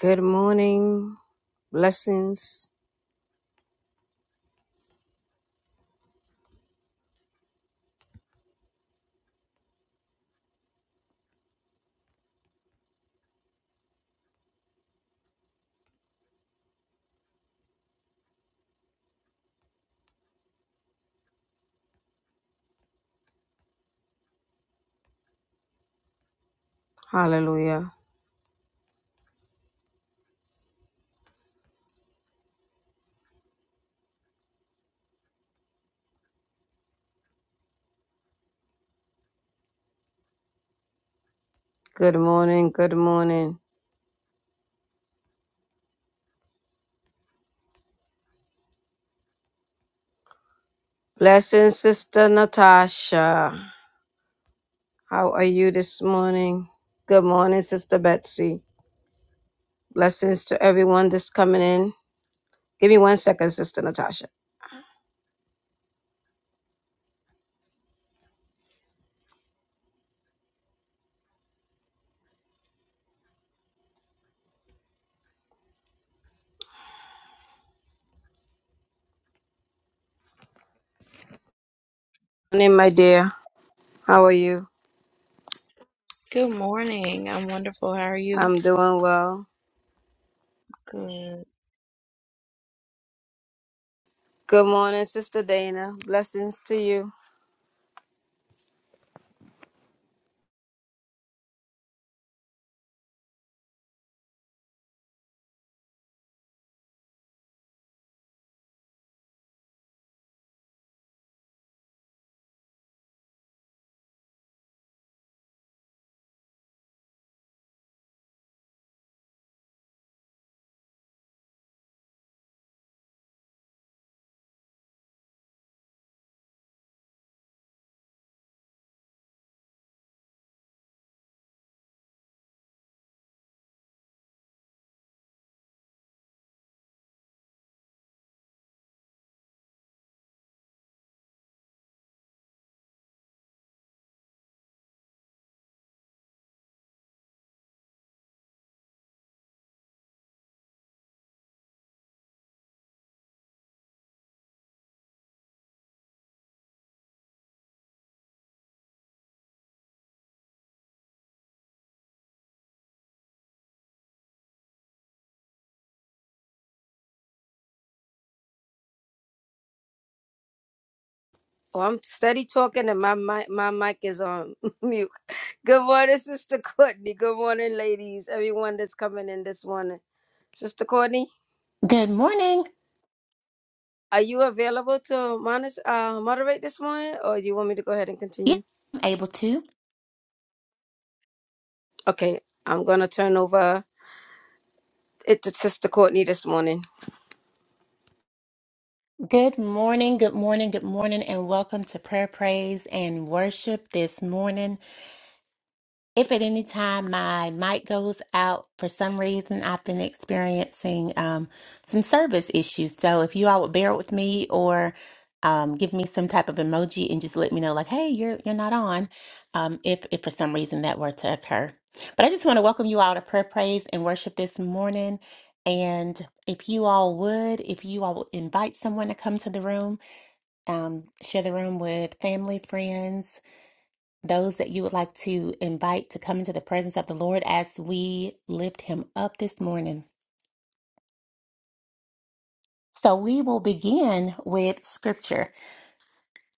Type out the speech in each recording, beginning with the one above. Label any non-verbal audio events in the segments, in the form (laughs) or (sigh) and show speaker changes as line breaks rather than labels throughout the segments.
Good morning. Blessings. Hallelujah. Good morning. Good morning. Blessings, Sister Natasha. How are you this morning? Good morning, Sister Betsy. Blessings to everyone that's coming in. Give me one second, Sister Natasha. Good morning, my dear. How are you?
Good morning. I'm wonderful. How are you?
I'm doing well.
Good.
Good morning, Sister Dana. Blessings to you. Oh, I'm steady talking and my mic, my mic is on (laughs) mute. Good morning, Sister Courtney. Good morning, ladies. Everyone that's coming in this morning. Sister Courtney,
Good morning.
are you available to monitor, uh, moderate this morning or do you want me to go ahead and
Yeah,
continue?
I'm able to.
Okay, I'm going to turn over it to Sister Courtney this morning.
Good morning, good morning, good morning, and welcome to prayer, praise, and worship this morning. If at any time my mic goes out for some reason, I've been experiencing um, some service issues. So if you all would bear with me or um, give me some type of emoji and just let me know, like, hey, you're you're not on, um, if if for some reason that were to occur. But I just want to welcome you all to prayer, praise, and worship this morning. And if you all would, if you all would invite someone to come to the room, um, share the room with family, friends those that you would like to invite to come into the presence of the Lord as we lift him up this morning. So we will begin with scripture.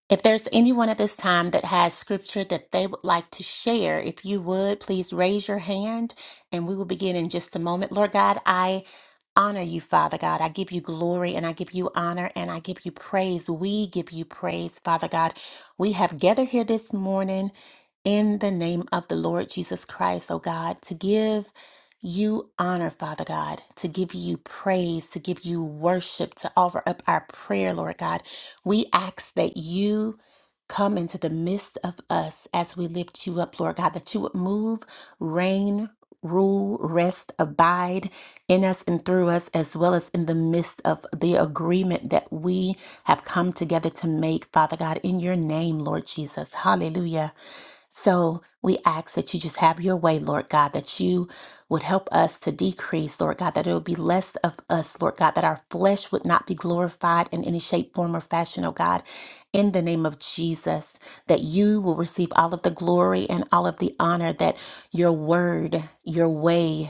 If there's anyone at this time that has scripture that they would like to share, if you would please raise your hand and we will begin in just a moment. Lord God, I honor you, Father God. I give you glory and I give you honor and I give you praise. We give you praise, Father God. We have gathered here this morning in the name of the Lord Jesus Christ, oh God, to give you honor, Father God, to give you praise, to give you worship, to offer up our prayer, Lord God. We ask that you come into the midst of us as we lift you up, Lord God, that you would move, reign, rule, rest, abide in us and through us, as well as in the midst of the agreement that we have come together to make, Father God, in your name, Lord Jesus. Hallelujah. So we ask that you just have your way, Lord God, that you would help us to decrease, Lord God, that it would be less of us, Lord God, that our flesh would not be glorified in any shape, form, or fashion, oh God. In the name of Jesus, that you will receive all of the glory and all of the honor that your word, your way,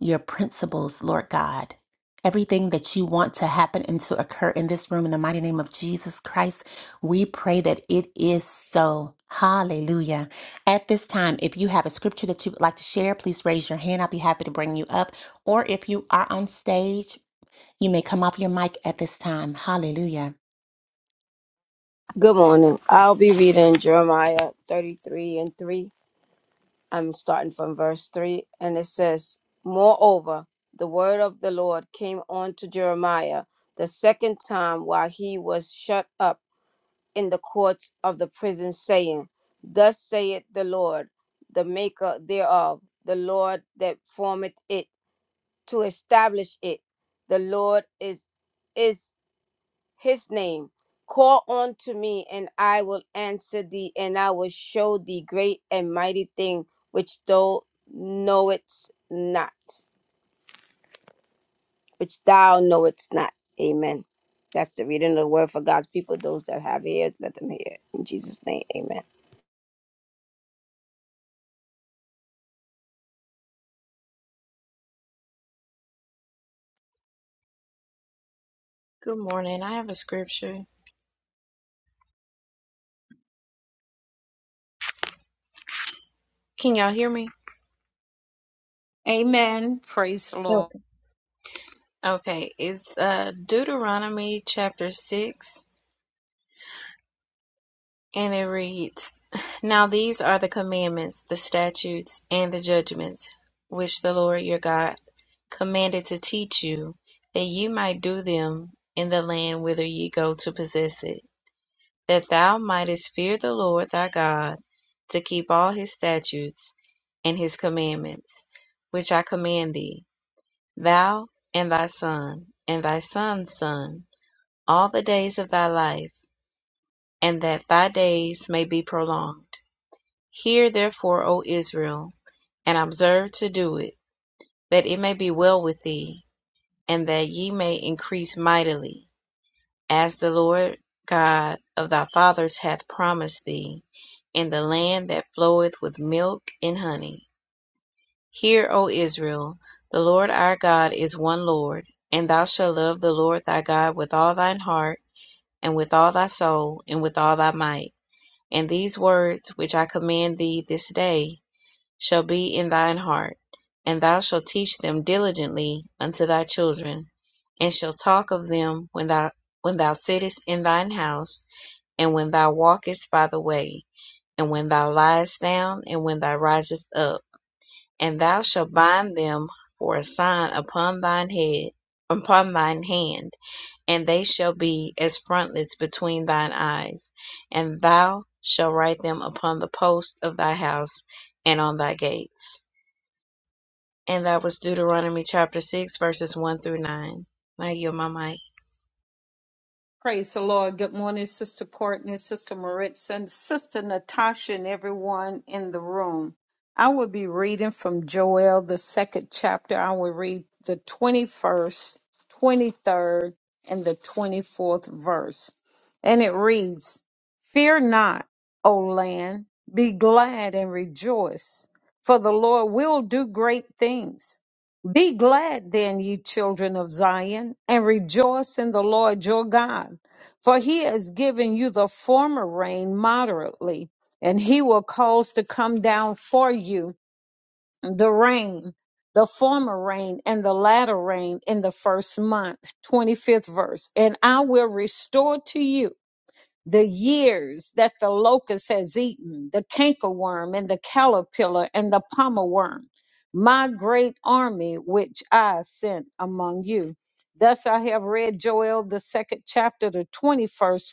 your principles, Lord God. Everything that you want to happen and to occur in this room in the mighty name of Jesus Christ, we pray that it is so. Hallelujah. At this time, if you have a scripture that you would like to share, please raise your hand. I'll be happy to bring you up. Or if you are on stage, you may come off your mic at this time. Hallelujah.
Good morning. I'll be reading Jeremiah 33 and 3. I'm starting from verse 3, and it says, Moreover, the word of the Lord came on to Jeremiah the second time while he was shut up in the courts of the prison, saying, Thus saith the Lord, the maker thereof, the Lord that formeth it, to establish it. The Lord is is his name. Call unto me, and I will answer thee, and I will show thee great and mighty thing which thou knowest not. Which thou knowest not. Amen. That's the reading of the word for God's people. Those that have ears, let them hear. In Jesus' name, amen.
Good morning. I have a scripture. Can y'all hear me?
Amen. Praise the Lord.
Okay. Okay. It's uh, Deuteronomy chapter 6, and it reads Now these are the commandments, the statutes, and the judgments which the Lord your God commanded to teach you, that ye might do them in the land whither ye go to possess it that thou mightest fear the Lord thy God, to keep all his statutes and his commandments, which I command thee, thou and thy son, and thy son's son, all the days of thy life, and that thy days may be prolonged. Hear therefore, O Israel, and observe to do it, that it may be well with thee, and that ye may increase mightily As the Lord God of thy fathers hath promised thee, in the land that floweth with milk and honey. Hear, O Israel, the Lord our God is one Lord, and thou shalt love the Lord thy God with all thine heart, and with all thy soul, and with all thy might. And these words which I command thee this day shall be in thine heart, and thou shalt teach them diligently unto thy children, and shalt talk of them when thou when thou sittest in thine house and when thou walkest by the way, and when thou liest down, and when thou risest up, and thou shalt bind them for a sign upon thine head, upon thine hand, and they shall be as frontlets between thine eyes, and thou shalt write them upon the posts of thy house and on thy gates. And that was Deuteronomy chapter 6, verses 1 through 9. I yield my mic.
Praise the Lord. Good morning, Sister Courtney, Sister Maritza, Sister Natasha, and everyone in the room. I will be reading from Joel, the second chapter. I will read the 21st, 23rd, and the 24th verse. And it reads Fear not, O land, be glad and rejoice, for the Lord will do great things. Be glad then, ye children of Zion, and rejoice in the Lord your God, for he has given you the former rain moderately, and he will cause to come down for you the rain, the former rain and the latter rain in the first month. 25th verse. And I will restore to you the years that the locust has eaten, the cankerworm and the caterpillar and the pommel worm, my great army which I sent among you. Thus I have read Joel, the second chapter, the 21st,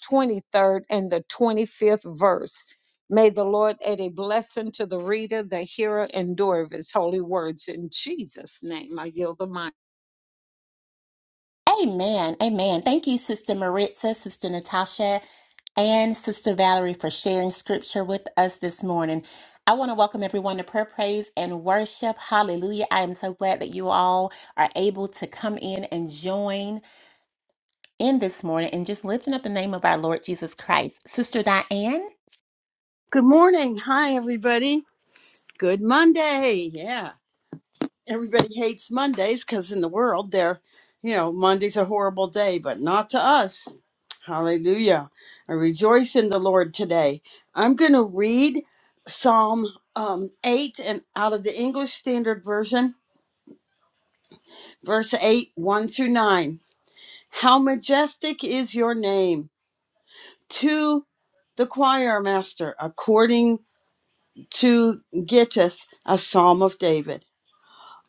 23rd, and the 25th verse. May the Lord add a blessing to the reader, the hearer, and doer of his holy words. In Jesus' name, I yield the mic.
Amen. Amen. Thank you, Sister Maritza, Sister Natasha, and Sister Valerie for sharing scripture with us this morning. I want to welcome everyone to prayer, praise, and worship. Hallelujah. I am so glad that you all are able to come in and join in this morning and just lifting up the name of our Lord Jesus Christ. Sister Diane,
Good morning. Hi, everybody. Good Monday. Yeah. Everybody hates Mondays because in the world, they're, you know, Monday's a horrible day, but not to us. Hallelujah. I rejoice in the Lord today. I'm going to read Psalm um, 8 and out of the English Standard Version, verse 8, 1 through 9. How majestic is your name to the choir master, according to Gittith, a psalm of David.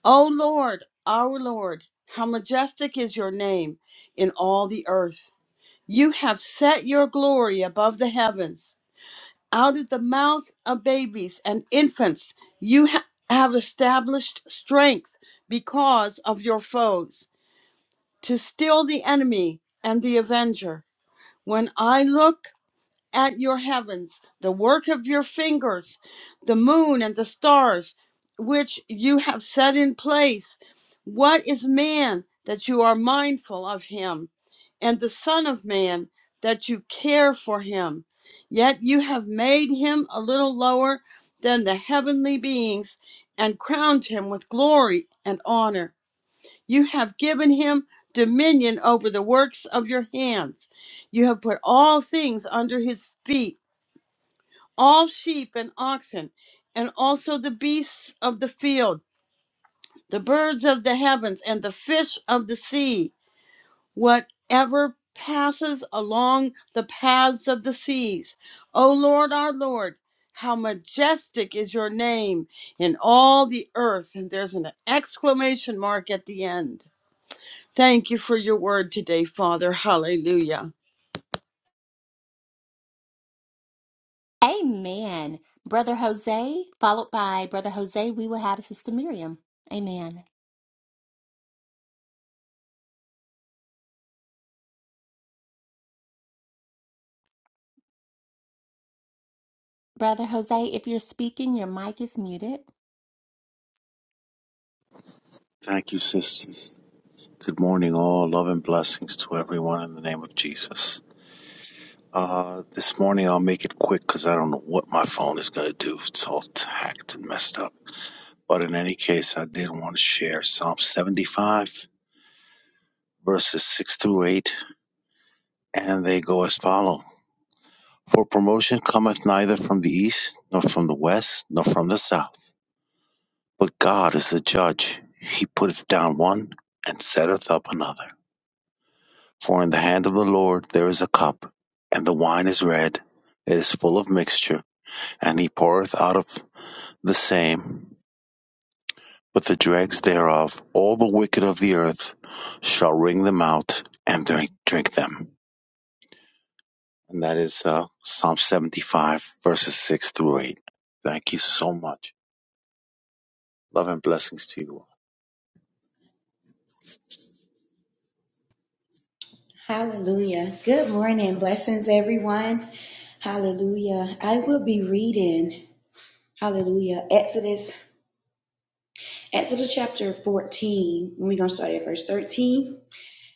O Lord, our Lord, how majestic is your name in all the earth. You have set your glory above the heavens. Out of the mouths of babies and infants, you ha- have established strength because of your foes, to still the enemy and the avenger. When I look at your heavens, the work of your fingers, the moon and the stars, which you have set in place. What is man that you are mindful of him, and the Son of Man that you care for him? Yet you have made him a little lower than the heavenly beings and crowned him with glory and honor. You have given him dominion over the works of your hands. You have put all things under his feet, all sheep and oxen, and also the beasts of the field, the birds of the heavens, and the fish of the sea, whatever passes along the paths of the seas. O Lord, our Lord, how majestic is your name in all the earth. And there's an exclamation mark at the end. Thank you for your word today, Father. Hallelujah.
amen. Brother Jose, followed by Brother Jose, we will have Sister Miriam. Amen. Brother Jose, if you're speaking, your mic is muted.
Thank you, sisters. Good morning, all. Love and blessings to everyone in the name of Jesus. Uh, this morning I'll make it quick because I don't know what my phone is going to do. It's all hacked and messed up. But in any case, I did want to share Psalm 75, verses 6 through 8, and they go as follow. For promotion cometh neither from the east, nor from the west, nor from the south. But God is the judge. He putteth down one and setteth up another. For in the hand of the Lord there is a cup, and the wine is red, it is full of mixture, and he poureth out of the same with the dregs thereof. All the wicked of the earth shall wring them out and drink, drink them. And that is uh, Psalm 75, verses 6 through 8. Thank you so much. Love and blessings to you all.
Hallelujah. Good morning. Blessings, everyone. Hallelujah. I will be reading, hallelujah, Exodus, Exodus chapter 14. We're going to start at verse 13.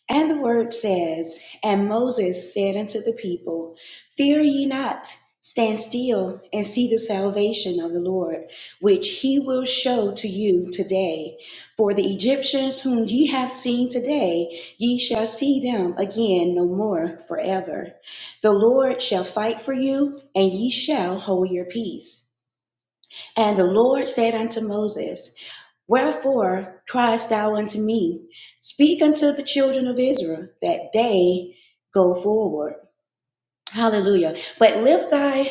And the word says, And Moses said unto the people, Fear ye not, stand still and see the salvation of the Lord, which he will show to you today. For the Egyptians whom ye have seen today, ye shall see them again no more forever. The Lord shall fight for you, and ye shall hold your peace. And the Lord said unto Moses, Wherefore criest thou unto me, Speak unto the children of Israel, that they go forward. Hallelujah. But lift thy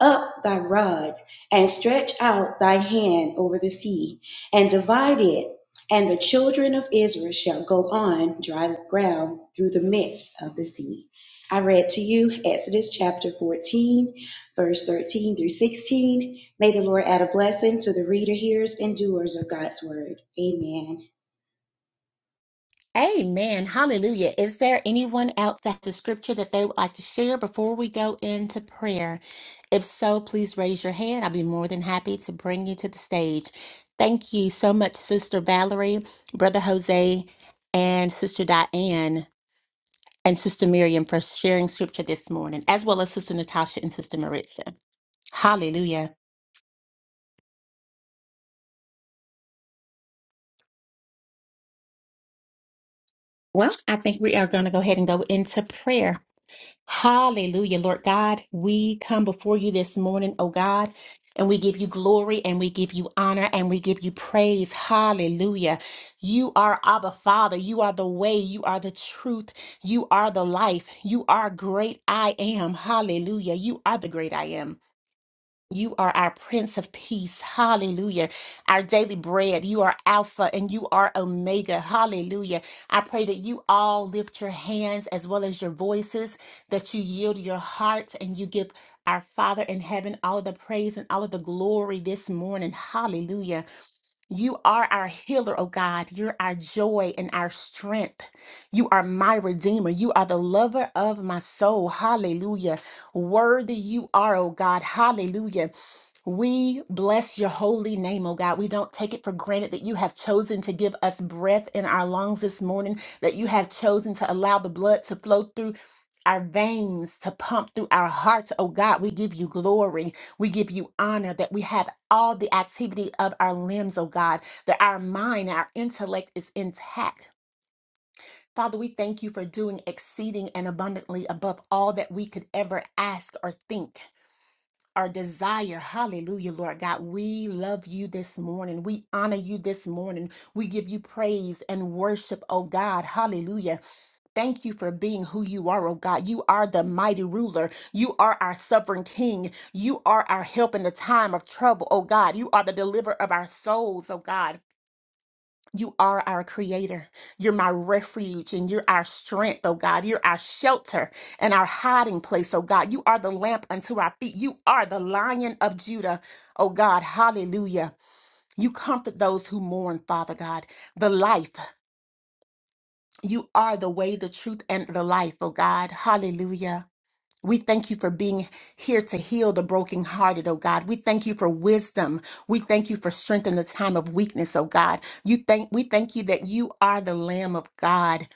up thy rod and stretch out thy hand over the sea and divide it, and the children of Israel shall go on dry ground through the midst of the sea. I read to you Exodus chapter 14, verse 13 through 16. May the Lord add a blessing to the reader, hearers, and doers of God's word. Amen.
Amen. Hallelujah. Is there anyone else at the scripture that they would like to share before we go into prayer? If so, please raise your hand. I'll be more than happy to bring you to the stage. Thank you so much, Sister Valerie, Brother Jose, and Sister Diane, and Sister Miriam for sharing scripture this morning, as well as Sister Natasha and Sister Maritza. Hallelujah. Well, I think we are going to go ahead and go into prayer. Hallelujah, Lord God. We come before you this morning, oh God, and we give you glory and we give you honor and we give you praise. Hallelujah. You are Abba Father. You are the way. You are the truth. You are the life. You are great I am. Hallelujah. You are the great I am. You are our Prince of Peace. Hallelujah. Our daily bread. You are Alpha and you are Omega. Hallelujah. I pray that you all lift your hands as well as your voices, that you yield your hearts and you give our Father in heaven all of the praise and all of the glory this morning. Hallelujah. You are our healer, oh God. You're our joy and our strength. You are my redeemer. You are the lover of my soul. Hallelujah. Worthy you are, oh God. Hallelujah. We bless your holy name, oh God. We don't take it for granted that you have chosen to give us breath in our lungs this morning, that you have chosen to allow the blood to flow through our veins, to pump through our hearts, oh God. We give you glory. We give you honor that we have all the activity of our limbs, oh God, that our mind, our intellect is intact. Father, we thank you for doing exceeding and abundantly above all that we could ever ask or think our desire. Hallelujah, Lord God. We love you this morning. We honor you this morning. We give you praise and worship, oh God. Hallelujah. Thank you for being who you are, oh God. You are the mighty ruler. You are our sovereign king. You are our help in the time of trouble, oh God. You are the deliverer of our souls, oh God. You are our creator. You're my refuge and you're our strength, oh God. You're our shelter and our hiding place, oh God. You are the lamp unto our feet. You are the lion of Judah, oh God. Hallelujah. You comfort those who mourn, Father God. The life. You are the way, the truth, and the life, oh God. Hallelujah. We thank you for being here to heal the brokenhearted, oh God. We thank you for wisdom. We thank you for strength in the time of weakness, oh God. You thank we thank you that you are the Lamb of God.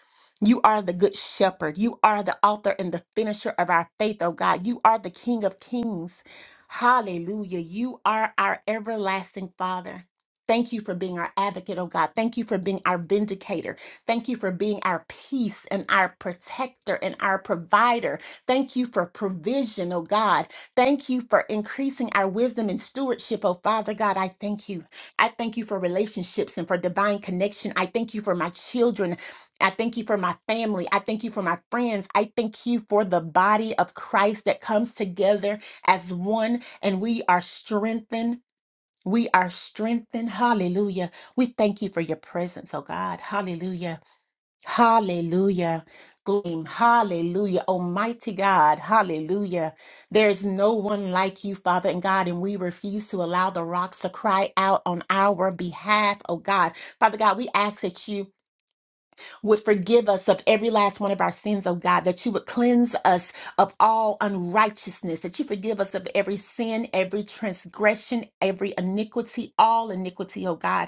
You are the good shepherd. You are the author and the finisher of our faith, oh God. You are the King of Kings. Hallelujah. You are our everlasting Father. Thank you for being our advocate, oh God. Thank you for being our vindicator. Thank you for being our peace and our protector and our provider. Thank you for provision, oh God. Thank you for increasing our wisdom and stewardship, oh Father God. I thank you. I thank you for relationships and for divine connection. I thank you for my children. I thank you for my family. I thank you for my friends. I thank you for the body of Christ that comes together as one and we are strengthened. We are strengthened. Hallelujah. We thank you for your presence, oh God. Hallelujah. Hallelujah. Glory. Hallelujah. Almighty God. Hallelujah. There's no one like you, Father and God, and we refuse to allow the rocks to cry out on our behalf, oh God. Father God, we ask that you would forgive us of every last one of our sins, oh God, that you would cleanse us of all unrighteousness, that you forgive us of every sin, every transgression, every iniquity, all iniquity, oh God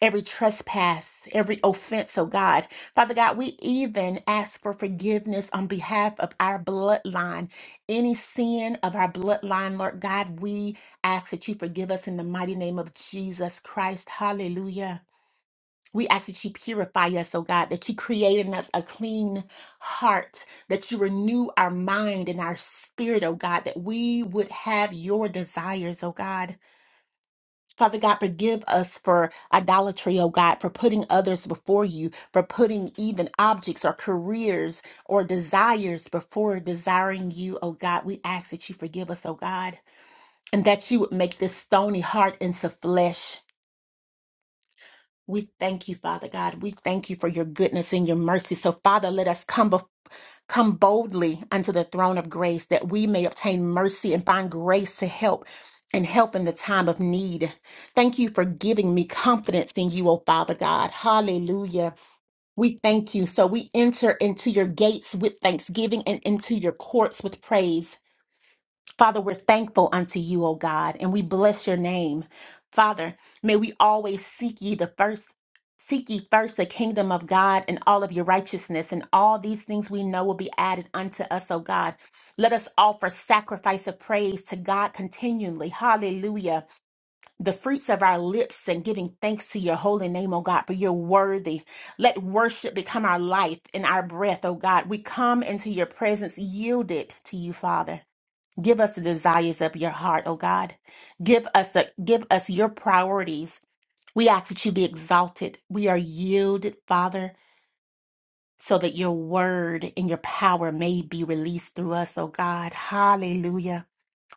every trespass, every offense, oh God. Father God, we even ask for forgiveness on behalf of our bloodline. Any sin of our bloodline, Lord God, we ask that you forgive us in the mighty name of Jesus Christ. Hallelujah. We ask that you purify us, oh God, that you create in us a clean heart, that you renew our mind and our spirit, oh God, that we would have your desires, oh God. Father God, forgive us for idolatry, oh God, for putting others before you, for putting even objects or careers or desires before desiring you, oh God. We ask that you forgive us, oh God, and that you would make this stony heart into flesh. We thank you, Father God. We thank you for your goodness and your mercy. So, Father, let us come before. Come boldly unto the throne of grace that we may obtain mercy and find grace to help and help in the time of need. Thank you for giving me confidence in you, O Father God. Hallelujah. We thank you. So we enter into your gates with thanksgiving and into your courts with praise. Father, we're thankful unto you, O God, and we bless your name. Father, may we always seek ye the first. Seek ye first the kingdom of God and all of your righteousness, and all these things we know will be added unto us, O God. Let us offer sacrifice of praise to God continually. Hallelujah. The fruits of our lips and giving thanks to your holy name, O God, for you're worthy. Let worship become our life and our breath, O God. We come into your presence yielded to you, Father. Give us the desires of your heart, O God. Give us a, give us your priorities. We ask that you be exalted. We are yielded, Father, so that your word and your power may be released through us, O God. Hallelujah.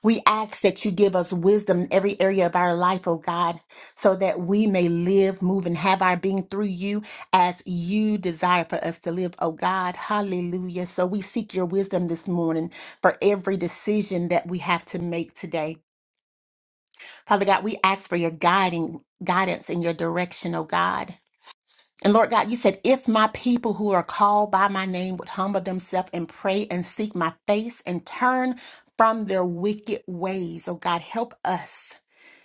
We ask that you give us wisdom in every area of our life, oh God, so that we may live, move, and have our being through you as you desire for us to live, oh God. Hallelujah. So we seek your wisdom this morning for every decision that we have to make today. Father God, we ask for your guiding guidance and your direction, oh God. And Lord God, you said, if my people who are called by my name would humble themselves and pray and seek my face and turn from their wicked ways, oh God, help us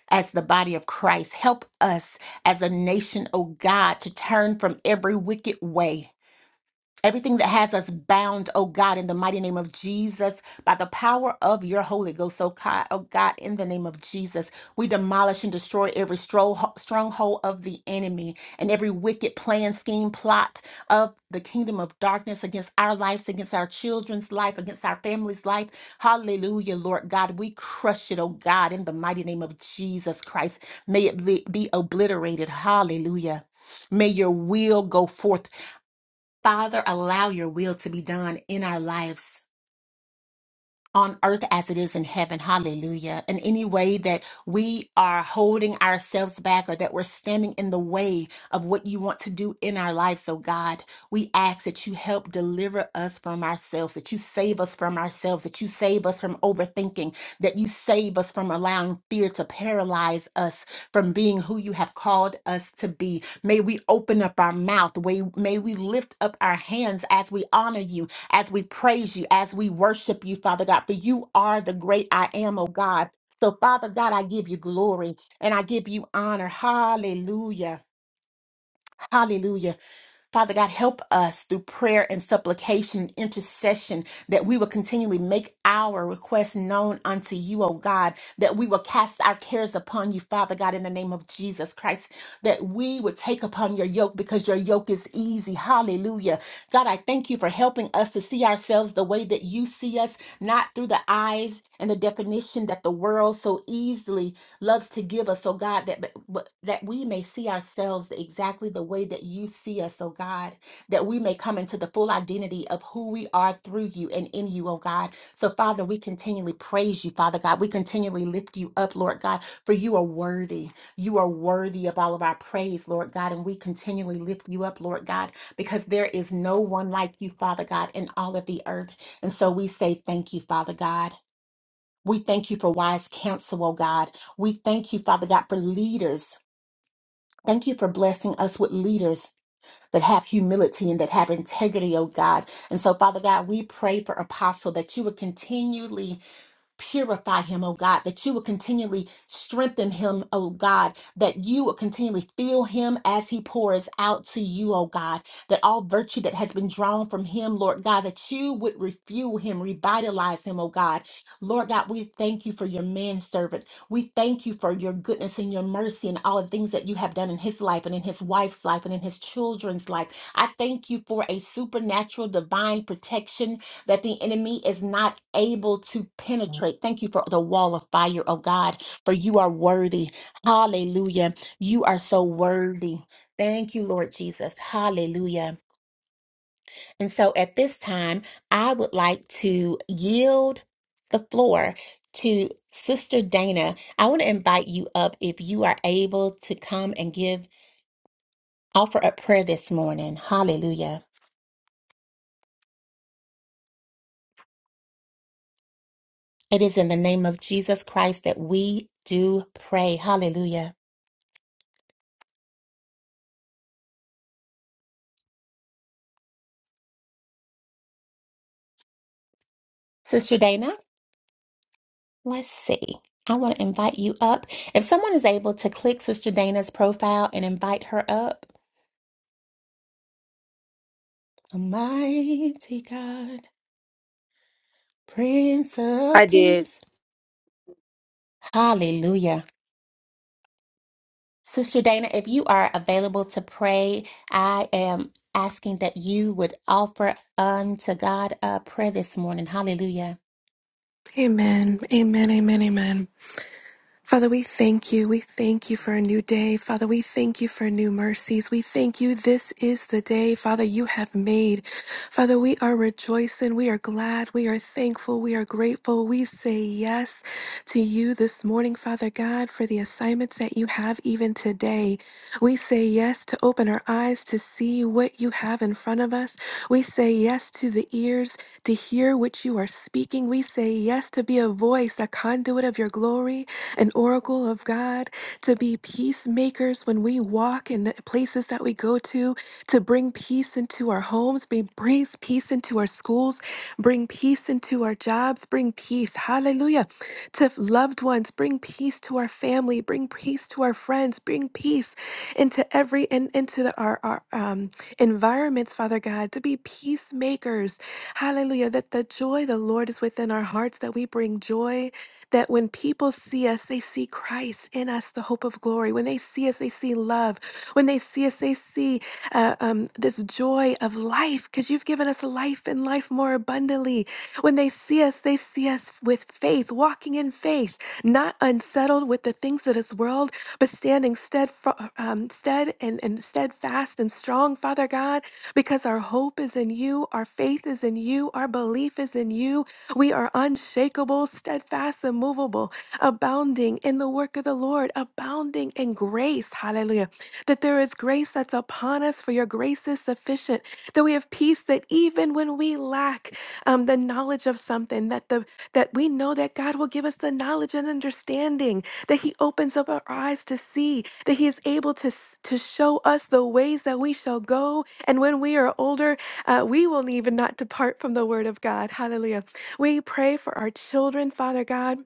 as the body of Christ. Help us as a nation, oh God, to turn from every wicked way. Everything that has us bound, oh God, in the mighty name of Jesus, by the power of your Holy Ghost, oh God, oh God, in the name of Jesus, we demolish and destroy every stro- stronghold of the enemy and every wicked plan, scheme, plot of the kingdom of darkness against our lives, against our children's life, against our family's life. Hallelujah, Lord God, we crush it, oh God, in the mighty name of Jesus Christ. May it be be obliterated. Hallelujah. May your will go forth Father, allow your will to be done in our lives on earth as it is in heaven. Hallelujah. In any way that we are holding ourselves back or that we're standing in the way of what you want to do in our lives, oh God, we ask that you help deliver us from ourselves, that you save us from ourselves, that you save us from overthinking, that you save us from allowing fear to paralyze us from being who you have called us to be. May we open up our mouth. May may we lift up our hands as we honor you as we praise you, as we worship you, Father God, for you are the great I am, oh God. So, Father God, I give you glory and I give you honor. Hallelujah. Hallelujah. Father God, help us through prayer and supplication, intercession, that we will continually make our requests known unto you, O God, that we will cast our cares upon you, Father God, in the name of Jesus Christ, that we would take upon your yoke because your yoke is easy. Hallelujah. God, I thank you for helping us to see ourselves the way that you see us, not through the eyes and the definition that the world so easily loves to give us, oh God, that that we may see ourselves exactly the way that you see us, oh God, that we may come into the full identity of who we are through you and in you, oh God. So, Father, we continually praise you, Father God. We continually lift you up, Lord God, for you are worthy. You are worthy of all of our praise, Lord God, and we continually lift you up, Lord God, because there is no one like you, Father God, in all of the earth. And so we say thank you, Father God. We thank you for wise counsel, oh God. We thank you, Father God, for leaders. Thank you for blessing us with leaders that have humility and that have integrity, oh God. And so, Father God, we pray for Apostle that you would continually Purify him, oh God, that you would continually strengthen him, oh God, that you would continually fill him as he pours out to you, oh God, that all virtue that has been drawn from him, Lord God, that you would refuel him, revitalize him, oh God. Lord God, we thank you for your manservant. We thank you for your goodness and your mercy and all the things that you have done in his life and in his wife's life and in his children's life. I thank you for a supernatural divine protection that the enemy is not able to penetrate. Thank you for the wall of fire, oh God, for you are worthy. Hallelujah. You are so worthy. Thank you, Lord Jesus. Hallelujah. And so at this time, I would like to yield the floor to Sister Dana. I want to invite you up if you are able to come and give, offer up prayer this morning. Hallelujah. It is in the name of Jesus Christ that we do pray. Hallelujah. Sister Dana, let's see. I want to invite you up. If someone is able to click Sister Dana's profile and invite her up, Almighty God, Prince
I
of
did.
Peace, Hallelujah. Sister Dana, if you are available to pray, I am asking that you would offer unto God a prayer this morning. Hallelujah.
Amen. Amen. Amen. Amen. Father, we thank you. We thank you for a new day. Father, we thank you for new mercies. We thank you. This is the day, Father, you have made. Father, we are rejoicing. We are glad. We are thankful. We are grateful. We say yes to you this morning, Father God, for the assignments that you have even today. We say yes to open our eyes to see what you have in front of us. We say yes to the ears to hear what you are speaking. We say yes to be a voice, a conduit of your glory an oracle of God, to be peacemakers when we walk in the places that we go to, to bring peace into our homes, be- bring peace into our schools, bring peace into our jobs, bring peace, hallelujah, to loved ones, bring peace to our family, bring peace to our friends, bring peace into every and into the, our, our um, environments, Father God, to be peacemakers, hallelujah, that the joy of the Lord is within our hearts, that we bring joy that when people see us, they see Christ in us, the hope of glory. When they see us, they see love. When they see us, they see uh, um, this joy of life because you've given us life and life more abundantly. When they see us, they see us with faith, walking in faith, not unsettled with the things of this world, but standing steadfast, um, stead and, and steadfast and strong, Father God, because our hope is in you, our faith is in you, our belief is in you. We are unshakable, steadfast, immovable, abounding in the work of the Lord, abounding in grace. Hallelujah That there is grace that's upon us, for your grace is sufficient. That we have peace that even when we lack um, the knowledge of something, that the that we know that God will give us the knowledge and understanding. That He opens up our eyes to see. That He is able to s- to show us the ways that we shall go. And when we are older, uh, we will even not depart from the Word of God. Hallelujah. We pray for our children, Father God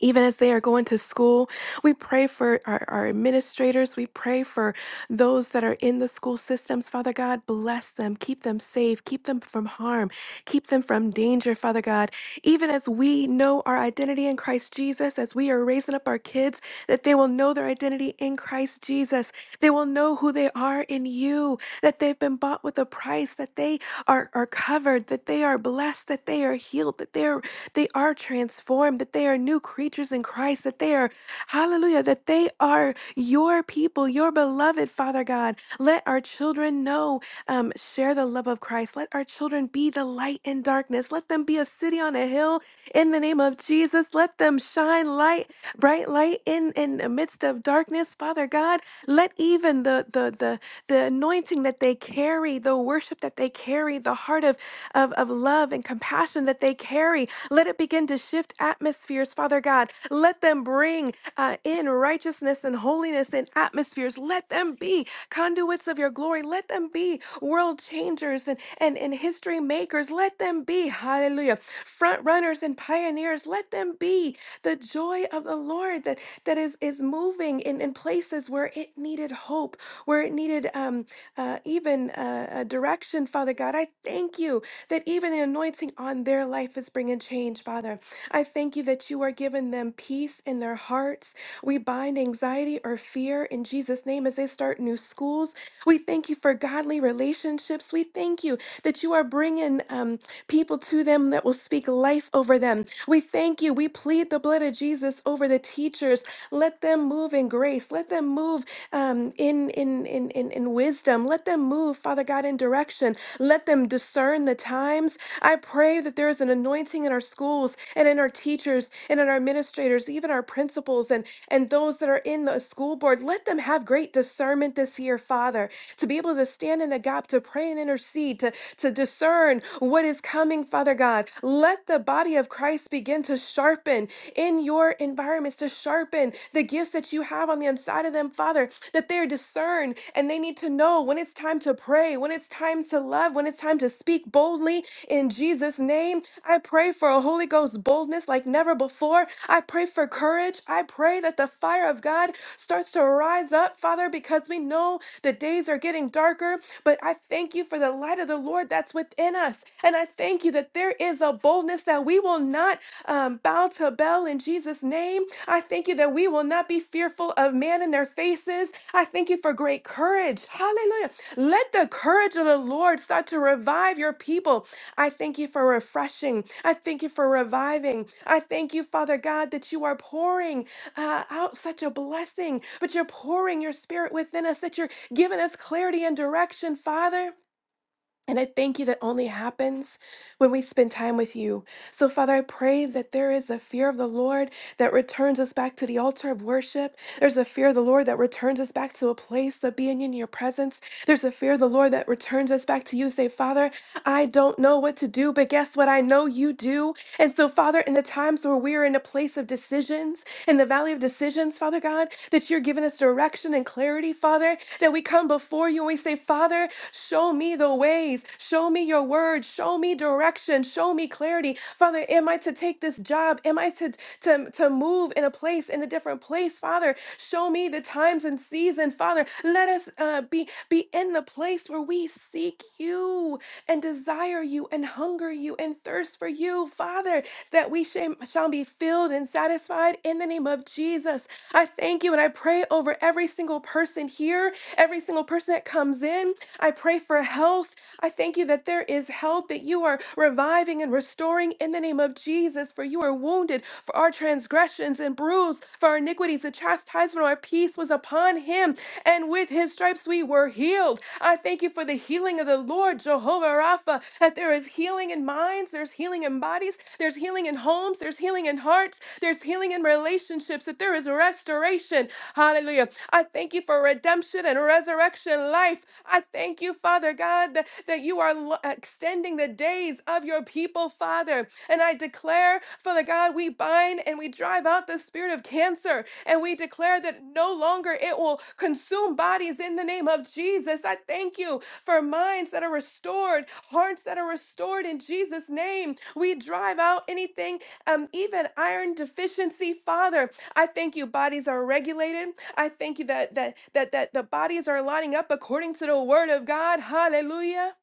even as they are going to school, we pray for our, our administrators. We pray for those that are in the school systems. Father God, bless them, keep them safe, keep them from harm, keep them from danger, Father God. Even as we know our identity in Christ Jesus, as we are raising up our kids, that they will know their identity in Christ Jesus. They will know who they are in you, that they've been bought with a price, that they are, are covered, that they are blessed, that they are healed, that they are they are transformed, that they are new creatures in Christ, that they are, hallelujah, that they are your people, your beloved, Father God. Let our children know, um, share the love of Christ. Let our children be the light in darkness. Let them be a city on a hill in the name of Jesus. Let them shine light, bright light in, in the midst of darkness, Father God. Let even the, the, the, the anointing that they carry, the worship that they carry, the heart of, of, of love and compassion that they carry. Let it begin to shift atmospheres, Father God. Let them bring uh, in righteousness and holiness in atmospheres. Let them be conduits of your glory. Let them be world changers and, and, and history makers. Let them be, hallelujah, front runners and pioneers. Let them be the joy of the Lord that, that is, is moving in, in places where it needed hope, where it needed um, uh, even uh, uh, direction, Father God. I thank you that even the anointing on their life is bringing change, Father. I thank you that you are giving them peace in their hearts. We bind anxiety or fear in Jesus' name as they start new schools, we thank you for godly relationships. We thank you that you are bringing um, people to them that will speak life over them. We thank you. We plead the blood of Jesus over the teachers. Let them move in grace. Let them move um, in, in, in, in, in wisdom. Let them move, Father God, in direction. Let them discern the times. I pray that there is an anointing in our schools and in our teachers and in our administrators, even our principals and, and those that are in the school board. Let them have great great discernment this year, Father, to be able to stand in the gap, to pray and intercede, to, to discern what is coming, Father God. Let the body of Christ begin to sharpen in your environments, to sharpen the gifts that you have on the inside of them, Father, that they're discerned and they need to know when it's time to pray, when it's time to love, when it's time to speak boldly in Jesus' name. I pray for a Holy Ghost boldness like never before. I pray for courage. I pray that the fire of God God, starts to rise up, Father, because we know the days are getting darker. But I thank you for the light of the Lord that's within us. And I thank you that there is a boldness that we will not um, bow to Baal in Jesus' name. I thank you that we will not be fearful of man in their faces. I thank you for great courage. Hallelujah. Let the courage of the Lord start to revive your people. I thank you for refreshing. I thank you for reviving. I thank you, Father God, that you are pouring uh, out such a blessing, but you're pouring your spirit within us, that you're giving us clarity and direction, Father. And I thank you that only happens when we spend time with you. So, Father, I pray that there is a fear of the Lord that returns us back to the altar of worship. There's a fear of the Lord that returns us back to a place of being in your presence. There's a fear of the Lord that returns us back to you. Say, Father, I don't know what to do, but guess what? I know you do. And so, Father, in the times where we're in a place of decisions, in the valley of decisions, Father God, that you're giving us direction and clarity, Father, that we come before you and we say, Father, show me the ways, show me your word, show me direction, show me clarity. Father, am I to take this job? Am I to, to, to move in a place, in a different place, Father? show me the times and season, Father. Let us uh, be be in the place where we seek you and desire you and hunger you and thirst for you, Father, that we shall shall be filled and satisfied in the name of Jesus. I thank you and I pray over every single person here, every single person that comes in. I pray for health. I thank you that there is health, that you are reviving healing and restoring in the name of Jesus. For you are wounded for our transgressions and bruised for our iniquities. The chastisement of our peace was upon him, and with his stripes we were healed. I thank you for the healing of the Lord, Jehovah Rapha, that there is healing in minds, there's healing in bodies, there's healing in homes, there's healing in hearts, there's healing in relationships, that there is restoration. Hallelujah. I thank you for redemption redemption and resurrection life. I thank you, Father God, that, that you are lo- extending the days of your people, Father. And I declare, Father God, we bind and we drive out the spirit of cancer and we declare that no longer it will consume bodies in the name of Jesus. I thank you for minds that are restored, hearts that are restored in Jesus' name. We drive out anything, um, even iron deficiency, Father. I thank you, bodies are regulated. I thank you that that that that the bodies are lining up according to the word of God. Hallelujah.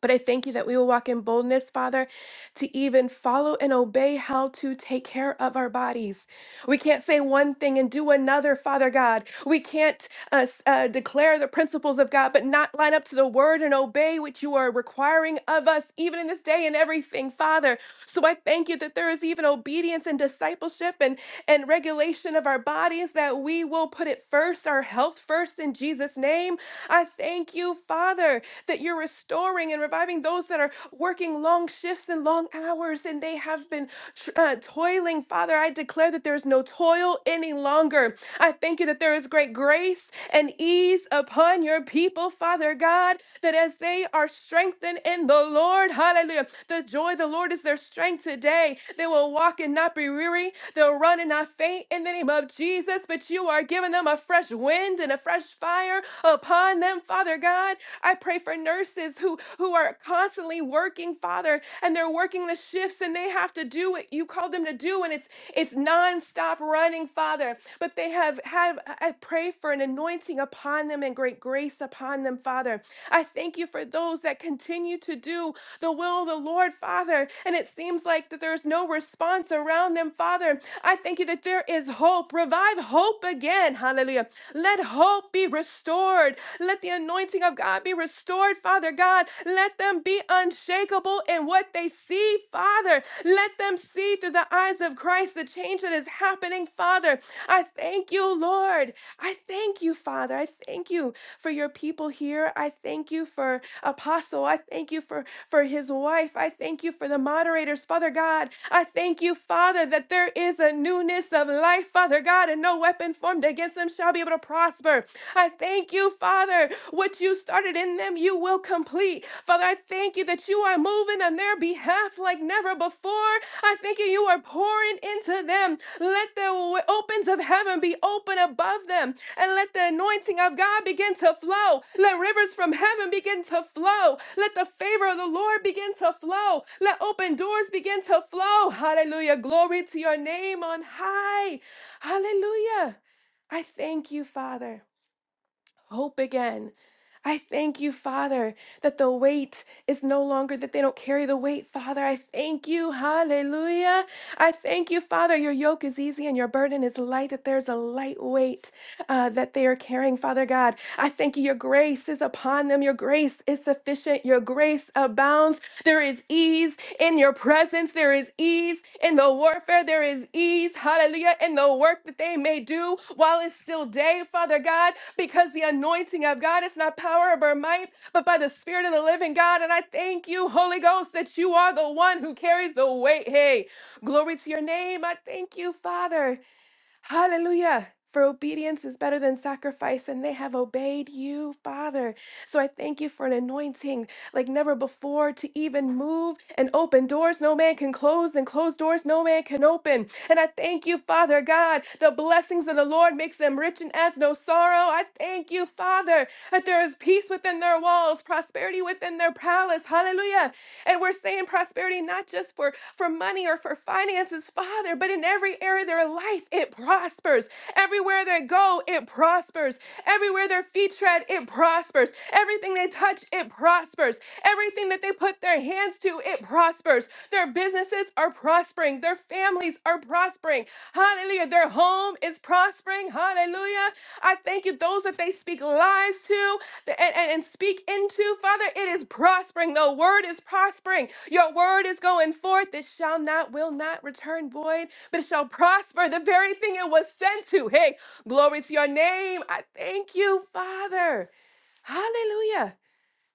But I thank you that we will walk in boldness, Father, to even follow and obey how to take care of our bodies. We can't say one thing and do another, Father God. We can't uh, s- uh, declare the principles of God, but not line up to the word and obey what you are requiring of us, even in this day and everything, Father. So I thank you that there is even obedience and discipleship and, and regulation of our bodies, that we will put it first, our health first, in Jesus' name. I thank you, Father, that you're restoring and reviving those those that are working long shifts and long hours and they have been tr- uh, toiling. Father, I declare that there is no toil any longer. I thank you that there is great grace and ease upon your people, Father God, that as they are strengthened in the Lord, hallelujah, the joy of the Lord is their strength today. They will walk and not be weary, they'll run and not faint in the name of Jesus. But you are giving them a fresh wind and a fresh fire upon them, Father God. I. I pray for nurses who, who are constantly working, Father, and they're working the shifts and they have to do what you called them to do, and it's it's nonstop running, Father. But they have have I pray for an anointing upon them and great grace upon them, Father. I thank you for those that continue to do the will of the Lord, Father. And it seems like that there's no response around them, Father. I thank you that there is hope. Revive hope again. Hallelujah. Let hope be restored restored. Let the anointing of God be restored, Father God. Let them be unshakable in what they see, Father. Let them see through the eyes of Christ the change that is happening, Father. I thank you, Lord. I thank you, Father. I thank you for your people here. I thank you for Apostle. I thank you for, for his wife. I thank you for the moderators, Father God. I thank you, Father, that there is a newness of life, Father God, and no weapon formed against us them shall be able to prosper. I thank you, Father. What you started in them, you will complete. Father, I thank you that you are moving on their behalf like never before. I thank you, you are pouring into them. Let the w- opens of heaven be open above them, and let the anointing of God begin to flow. Let rivers from heaven begin to flow. Let the favor of the Lord begin to flow. Let open doors begin to flow. Hallelujah. Glory to your name on high. Hallelujah. I thank you, Father. Hope again. I thank you, Father, that the weight is no longer that they don't carry the weight, Father. I thank you. Hallelujah. I thank you, Father. Your yoke is easy and your burden is light, that there's a light weight uh, that they are carrying, Father God. I thank you. Your grace is upon them. Your grace is sufficient. Your grace abounds. There is ease in your presence. There is ease in the warfare. There is ease, hallelujah, in the work that they may do while it's still day, Father God, because the anointing of God is not power or might, but by the Spirit of the living God. And I thank you, Holy Ghost, that you are the one who carries the weight. Hey, glory to your name. I thank you, Father. Hallelujah. For obedience is better than sacrifice, and they have obeyed you, Father. So I thank you for an anointing like never before to even move and open doors no man can close, and close doors no man can open. And I thank you, Father God. The blessings of the Lord makes them rich and adds no sorrow. I thank you, Father, that there is peace within their walls, prosperity within their palace. Hallelujah. And we're saying prosperity not just for, for money or for finances, Father, but in every area of their life, it prospers. Everywhere they go, it prospers. Everywhere their feet tread, it prospers. Everything they touch, it prospers. Everything that they put their hands to, it prospers. Their businesses are prospering. Their families are are prospering. Hallelujah. Their home is prospering. Hallelujah. I thank you. Those that they speak lies to th- and, and, and speak into, Father, it is prospering. The word is prospering. Your word is going forth. It shall not, will not return void, but it shall prosper. The very thing it was sent to. Hey, glory to your name. I thank you, Father. Hallelujah.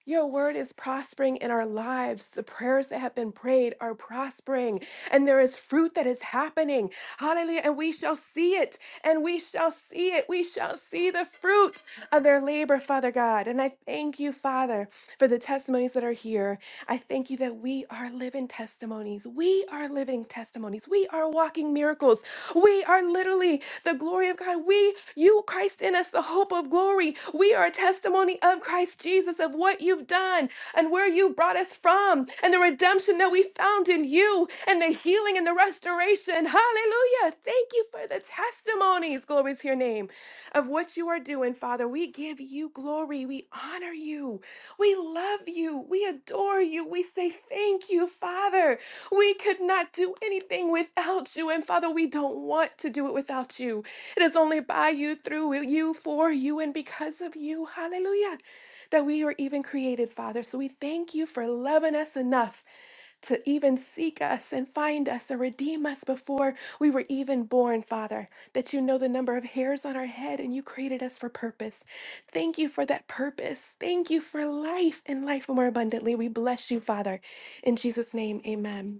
Your word is prospering in our lives. The prayers that have been prayed are prospering, and there is fruit that is happening. Hallelujah. And we shall see it, and we shall see it. We shall see the fruit of their labor, Father God. And I thank you, Father, for the testimonies that are here. I thank you that we are living testimonies. We are living testimonies. We. We are walking miracles. We are literally the glory of God. We, you, Christ in us, the hope of glory. We are a testimony of Christ Jesus, of what you've done and where you brought us from, and the redemption that we found in you, and the healing and the restoration. Hallelujah. Thank you for the testimonies, glory to your name, of what you are doing, Father. We give you glory. We honor you. We love you. We adore you. We say thank you, Father. We could not do anything without you. And Father, we don't want to do it without you. It is only by you, through you, for you, and because of you. Hallelujah. That we were even created, Father. So we thank you for loving us enough to even seek us and find us and redeem us before we were even born, Father, that you know the number of hairs on our head and you created us for purpose. Thank you for that purpose. Thank you for life and life more abundantly. We bless you, Father. In Jesus' name, amen.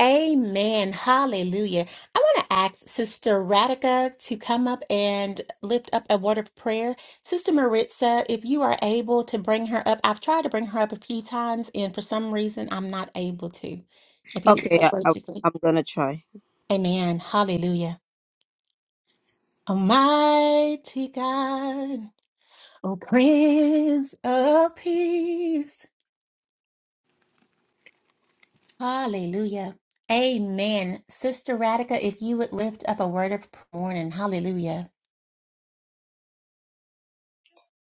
Amen. Hallelujah. I want to ask Sister Radica to come up and lift up a word of prayer. Sister Maritza, if you are able to bring her up, I've tried to bring her up a few times, and for some reason, I'm not able to. If you
Okay,
so
I, I,
graciously,
I'm going to try.
Amen. Hallelujah. Almighty God, O Prince of Peace. Hallelujah. Amen. Sister Radica, if you would lift up a word of prayer, morning. Hallelujah.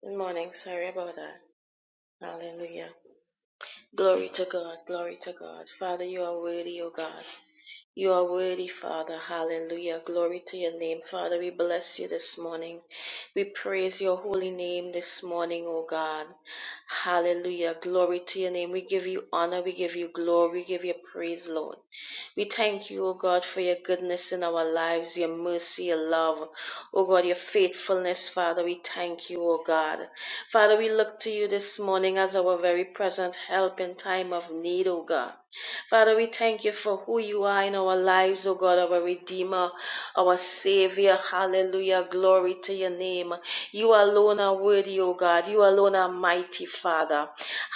Good morning. Sorry about that. Hallelujah. Glory to God. Glory to God. Father, you are worthy, O God. You are worthy, Father. Hallelujah. Glory to your name, Father. We bless you this morning. We praise your holy name this morning, O God. Hallelujah. Glory to your name. We give you honor. We give you glory. We give you praise, Lord. We thank you, O God, for your goodness in our lives, your mercy, your love. O God, your faithfulness, Father. We thank you, O God. Father, we look to you this morning as our very present help in time of need, O God. Father, we thank you for who you are in our lives, O God, our Redeemer, our Savior. Hallelujah. Glory to your name. You alone are worthy, O God. You alone are mighty, Father.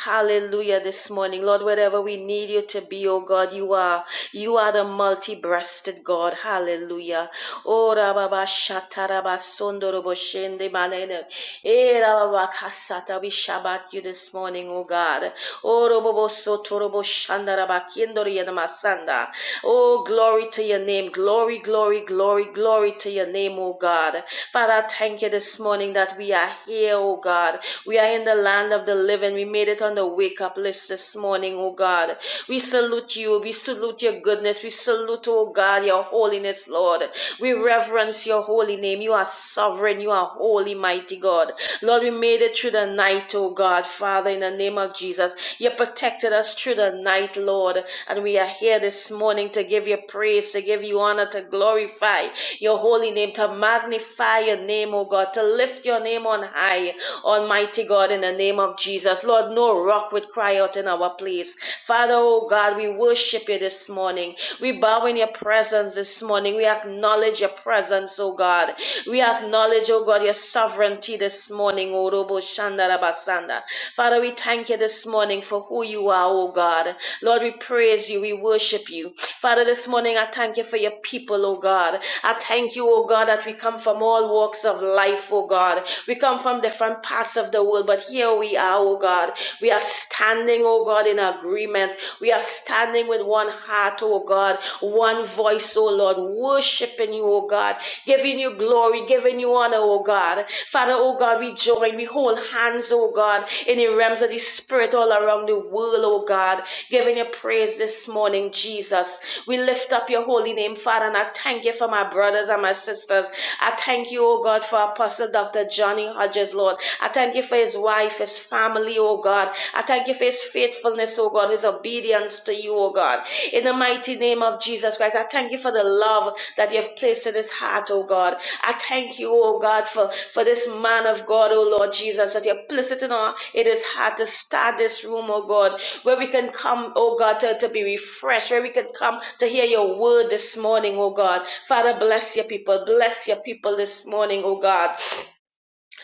Hallelujah. This morning, Lord, wherever we need you to be, O God, you are. You are the multi breasted God. Hallelujah. Oh, Rababa Shataraba Sondorobo Shende Malene. Eh, Rababa Kasata. We Shabbat you this this morning, oh God. Oh, robobo soto robo shanda raba kiendo riena masanda. Oh, glory to your name. Glory, glory, glory, glory to your name, oh God. Father, thank you this morning that we are here, oh God. We are in the land of the living. We made it on the wake up list this morning, oh God. We salute you. We salute your goodness. We salute, oh God, your holiness, Lord. We reverence your holy name. You are sovereign. You are holy holy, mighty God. Lord, we made it through the night, oh God, Father, in the name of Jesus. You protected us through the night, Lord, and we are here this morning to give you praise, to give you honor, to glorify your holy name, to magnify your name, oh God, to lift your name on high, Almighty God, in the name of Jesus. Lord, no rock would cry out in our place. Father, oh God, we worship you this morning. We bow in your presence this morning morning. We acknowledge your presence, oh God. We acknowledge, oh God, your sovereignty this morning, O Robo Shandarabasanda. Father, we thank you this morning for who you are, oh God. Lord, we praise you, we worship you. Father, this morning I thank you for your people, oh God. I thank you, oh God, that we come from all walks of life, oh God. We come from different parts of the world, but here we are, oh God. We are standing, oh God, in agreement. We are standing standing with one heart, oh God, one voice, oh Lord, worshiping you, oh God, giving you glory, giving you honor, oh God. Father, oh God, we join, we hold hands, oh God, in the realms of the Spirit all around the world, oh God, giving you praise this morning, Jesus. We lift up your holy name, Father, and I thank you for my brothers and my sisters. I thank you, oh God, for Apostle Dr. Johnny Hodges, Lord. I thank you for his wife, his family, family, oh God. I thank you for his faithfulness, oh God, his obedience to you, oh God. In the mighty name of Jesus Christ, I thank you for the love that you've placed in his heart, oh God. I thank you, oh God, for, for this man of God, oh Lord Jesus, that you have placed it in, our, in his heart to start this room, oh God, where we can come, oh God, to, to be refreshed, where we can come to hear your word this morning, oh God. Father, bless your people. Bless your people this morning, oh God.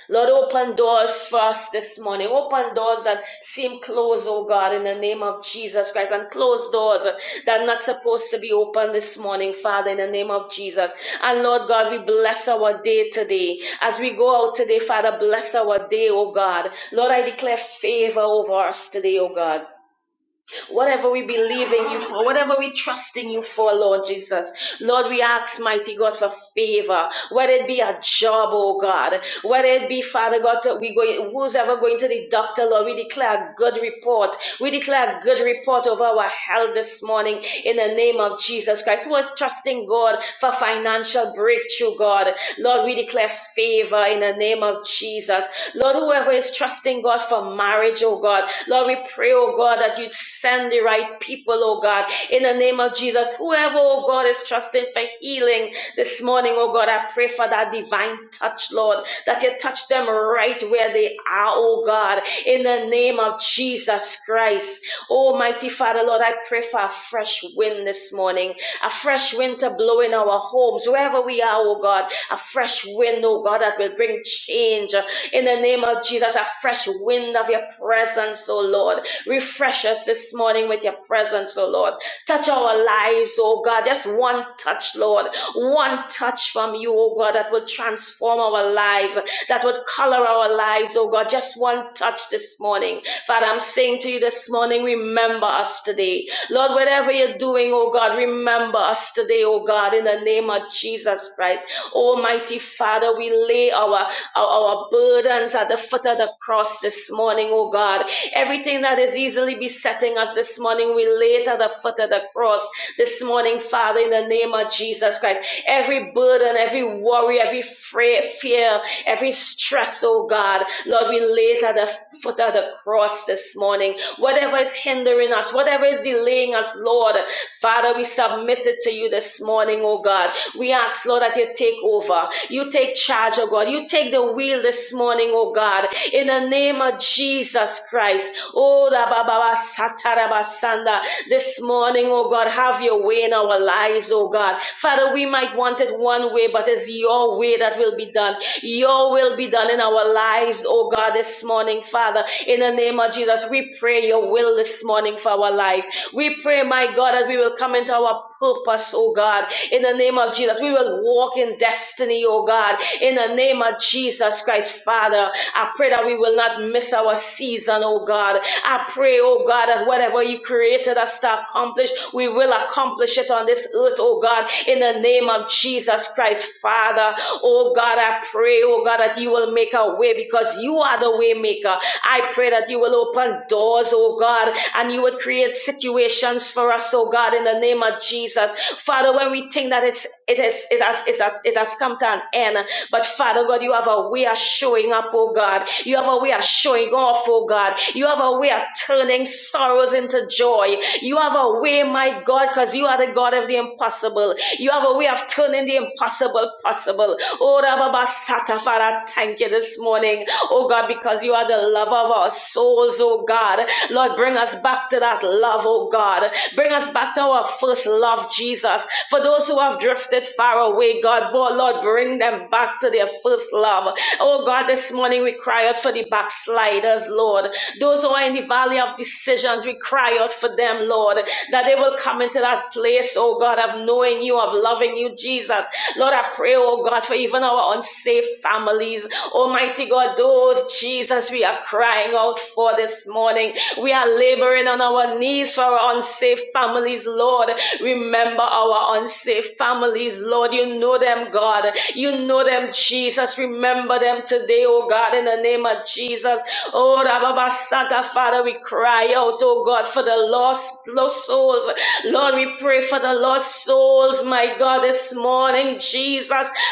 Lord, open doors for us this morning. Open doors that seem closed, oh God, in the name of Jesus Christ, and close doors that are not supposed to be open this morning, Father, in the name of Jesus. And Lord God, we bless our day today. As we go out today, Father, bless our day, oh God. Lord, I declare favor over us today, oh God whatever we believe in you for, whatever we trust in you for, Lord Jesus. Lord, we ask, mighty God, for favor, whether it be a job, oh God, whether it be, Father God, that we go, who's ever going to the doctor, Lord, we declare a good report. We declare a good report over our health this morning in the name of Jesus Christ. Who is trusting God for financial breakthrough, God? Lord, Lord, we declare favor in the name of Jesus. Lord, whoever is trusting God for marriage, oh God, Lord, we pray, oh God, that you send the right people, oh God, in the name of Jesus. Whoever, oh God, is trusting for healing this morning, oh God, I pray for that divine touch, Lord, that you touch them right where they are, oh God, in the name of Jesus Christ. Almighty Father, Lord, I pray for a fresh wind this morning a fresh wind to blow in our homes, wherever we are, oh God, a fresh wind, oh God, that will bring change. In the name of Jesus, a fresh wind of your presence, oh Lord. Refresh us this morning with your presence, oh Lord. Touch our lives, oh God. Just one touch, Lord. One touch from you, oh God, that will transform our lives, that would color our lives, oh God. Just one touch this morning. Father, I'm saying to you this morning, remember us today. Lord, whatever you're doing, oh God, remember us today, oh God, in the name of Jesus Christ. Almighty Father, we lay our, our, our burdens at the foot of the cross this morning, oh God. Everything that is easily besetting us this morning, we lay it at the foot foot of the cross this morning, Father, in the name of Jesus Christ. Every burden, every worry, every fear, every stress, oh God, Lord, we lay it at the foot of the cross this morning. Whatever is hindering us, whatever is delaying us, Lord, Father, we submit it to you this morning, oh God. We ask, Lord, that you take over. You take charge, oh God. You take the wheel this morning, oh God, in the name of Jesus Christ. Oh, da ba This this morning, oh God. Have your way in our lives, oh God. Father, we might want it one way, but it's your way that will be done. Your will be done in our lives, oh God, this morning, Father. In the name of Jesus, we pray your will this morning for our life. We pray, my God, that we will come into our purpose, oh God, in the name of Jesus. We will walk in destiny, oh God, in the name of Jesus Christ, Father. I pray that we will not miss our season, oh God. I pray, oh God, that whatever you created us to accomplish, we will accomplish it on this earth, oh God, in the name of Jesus Christ, Father. Oh God, I pray, oh God, that you will make a way because you are the way maker. I pray that you will open doors, oh God, and you will create situations for for us, oh God, in the name of Jesus. Father, when we think that it's it is it has it has it has come to an end, but Father God, you have a way of showing up, oh God. You have a way of showing off, oh God. You have a way of turning sorrows into joy. You have a way, my God, because you are the God of the impossible. You have a way of turning the impossible possible. Oh Rababa Sata, Father, thank you this morning, oh God, because you are the lover of our souls, oh God. Lord, bring us back to that to that love, oh God. Bring us back to our first love, Jesus. For those who have drifted far away, God, oh Lord, bring them back to their first love. Oh God, this morning we cry out for the backsliders, Lord. Those who are in the valley of decisions, we cry out for them, Lord, that they will come into that place, oh God, of knowing you, of loving you, Jesus. Lord, I pray, oh God, for even our unsafe families. Almighty God, those, Jesus, we are crying out for this morning morning. We are laboring on our knees for our unsafe families, Lord. Remember our unsafe families, Lord. You know them, God. You know them, Jesus. Remember them today, oh God, in the name of Jesus. Oh, Rababa Santa, Father, we cry out, oh God, for the lost, lost souls. Lord, we pray for the lost souls, my God, this morning, Jesus.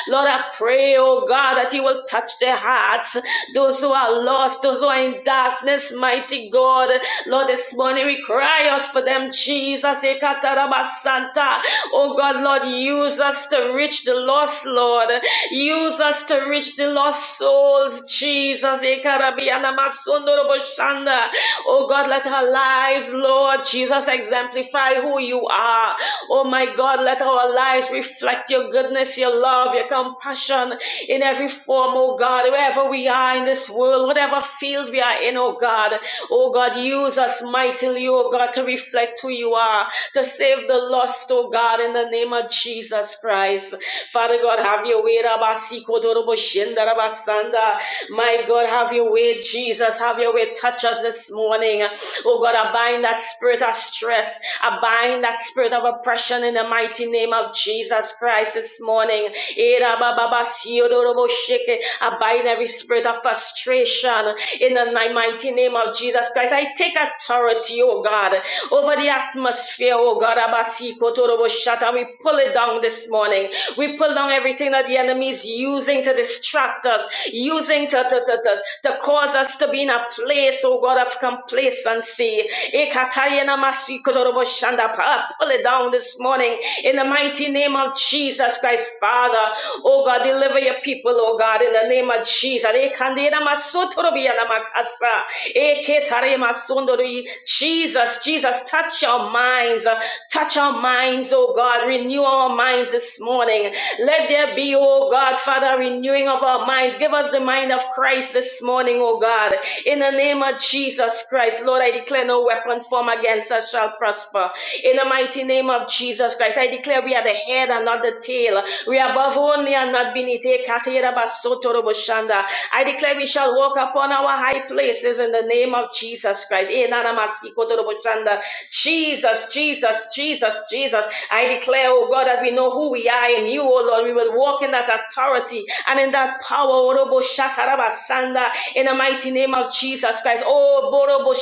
Lord, I pray, oh God, that you will touch their hearts. Those who are lost, those who are in in darkness, mighty God. Lord, this morning we cry out for them, Jesus. Ekatarabasanta. Oh God, Lord, use us to reach the lost, Lord. Use us to reach the lost souls, Jesus. Ekarabianamasondoroboshanda. Oh God, let our lives, Lord Jesus, exemplify who you are. Oh my God, let our lives reflect your goodness, your love, your compassion in every form, oh God, wherever we are in this this world, whatever field we are in, oh God. Oh God, use us mightily, oh God, to reflect who you are, to save the lost, oh God, in the name of Jesus Christ. Father God, have your way, Rabasikotoroboshenda, Rabasanda. My God, have your way, Jesus. Have your way. Touch us this morning. Oh God, I bind that spirit of stress. I bind that spirit of oppression in the mighty name of Jesus Christ this morning. Eh, Rabababasiodoroboshike. I bind every spirit of frustration in the ni- mighty name of Jesus Christ. I take authority, oh God, over the atmosphere, oh God. Abasi kotorobo shata. We pull it down this morning. We pull down everything that the enemy is using to distract us, using to, to, to, to, to cause us to be in a place, oh God, of complacency. Ekatayena masi kotorobo shanda. I Pull it down this morning in the mighty name of Jesus Christ, Father. Oh God, deliver your people, oh God, in the name of Jesus. Eh, kandera masotorobi alamakasa. Eh, ketare masondori. Jesus, Jesus, touch our minds. uh, Touch our minds, oh God. Renew our minds this morning. Let there be, oh God, Father, renewing of our minds. Give us the mind of Christ this morning, oh God. In the name of Jesus Christ, Lord, I declare no weapon formed against us shall prosper. In the mighty name of Jesus Christ, I declare we are the head and not the tail. We are above only and not beneath. Ekatera basotoro boshanda. I declare we shall walk upon our high places in the name of Jesus Christ. Enana masikotoro boshanda. Jesus, Jesus, Jesus, Jesus. I declare, oh God, that we know who we are in you, oh Lord. We will walk in that authority and in that power, Orobo Shataraba Sanda, in the mighty name of Jesus Christ. Oh, Borobo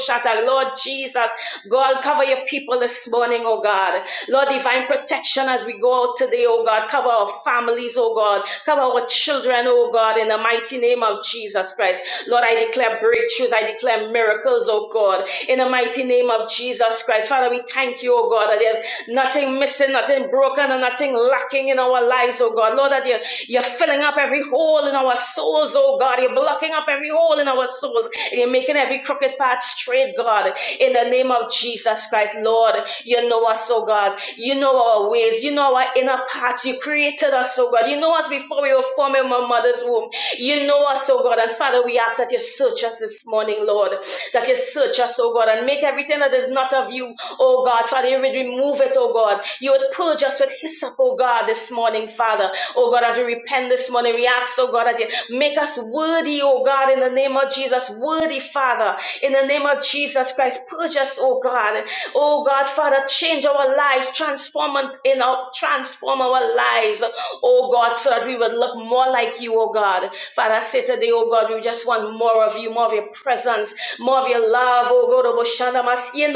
Lord Jesus. God, cover your people this morning, oh God. Lord, divine protection as as we go out today, oh God. Cover our families, oh God. Cover our children, oh God, in the mighty name of Jesus Christ. Lord, I declare breakthroughs. I declare miracles, oh God, in the mighty name of Jesus Christ. Father, we thank you, oh God, that there's nothing missing, nothing broken, and nothing lacking in our lives, oh God. Lord, that you're, you're filling up every hole in our souls, oh God. You're blocking up every hole in our souls. And you're making every crooked path straight, God, in the name of Jesus Christ. Lord, you know us, oh God. God. You know our ways. You know our inner parts. You created us, oh God. You know us before we were formed in my mother's womb. You know us, oh God. And Father, we ask that you search us this morning, Lord. That you search us, oh God, and make everything that is not of you, oh God. Father, you would remove it, oh God. You would purge us with hyssop, oh God, this morning, Father. Oh God, as we repent this morning, we ask, oh God, that you make us worthy, oh God, in the name of Jesus. Worthy, Father. In the name of Jesus Christ, purge us, oh God. Oh Oh God, Father, change our lives, transform it in our transform our lives. Oh God, so that we would look more like you, oh God. Father, I say today, oh God, we just want more of you, more of your presence, more of your love, oh God, oh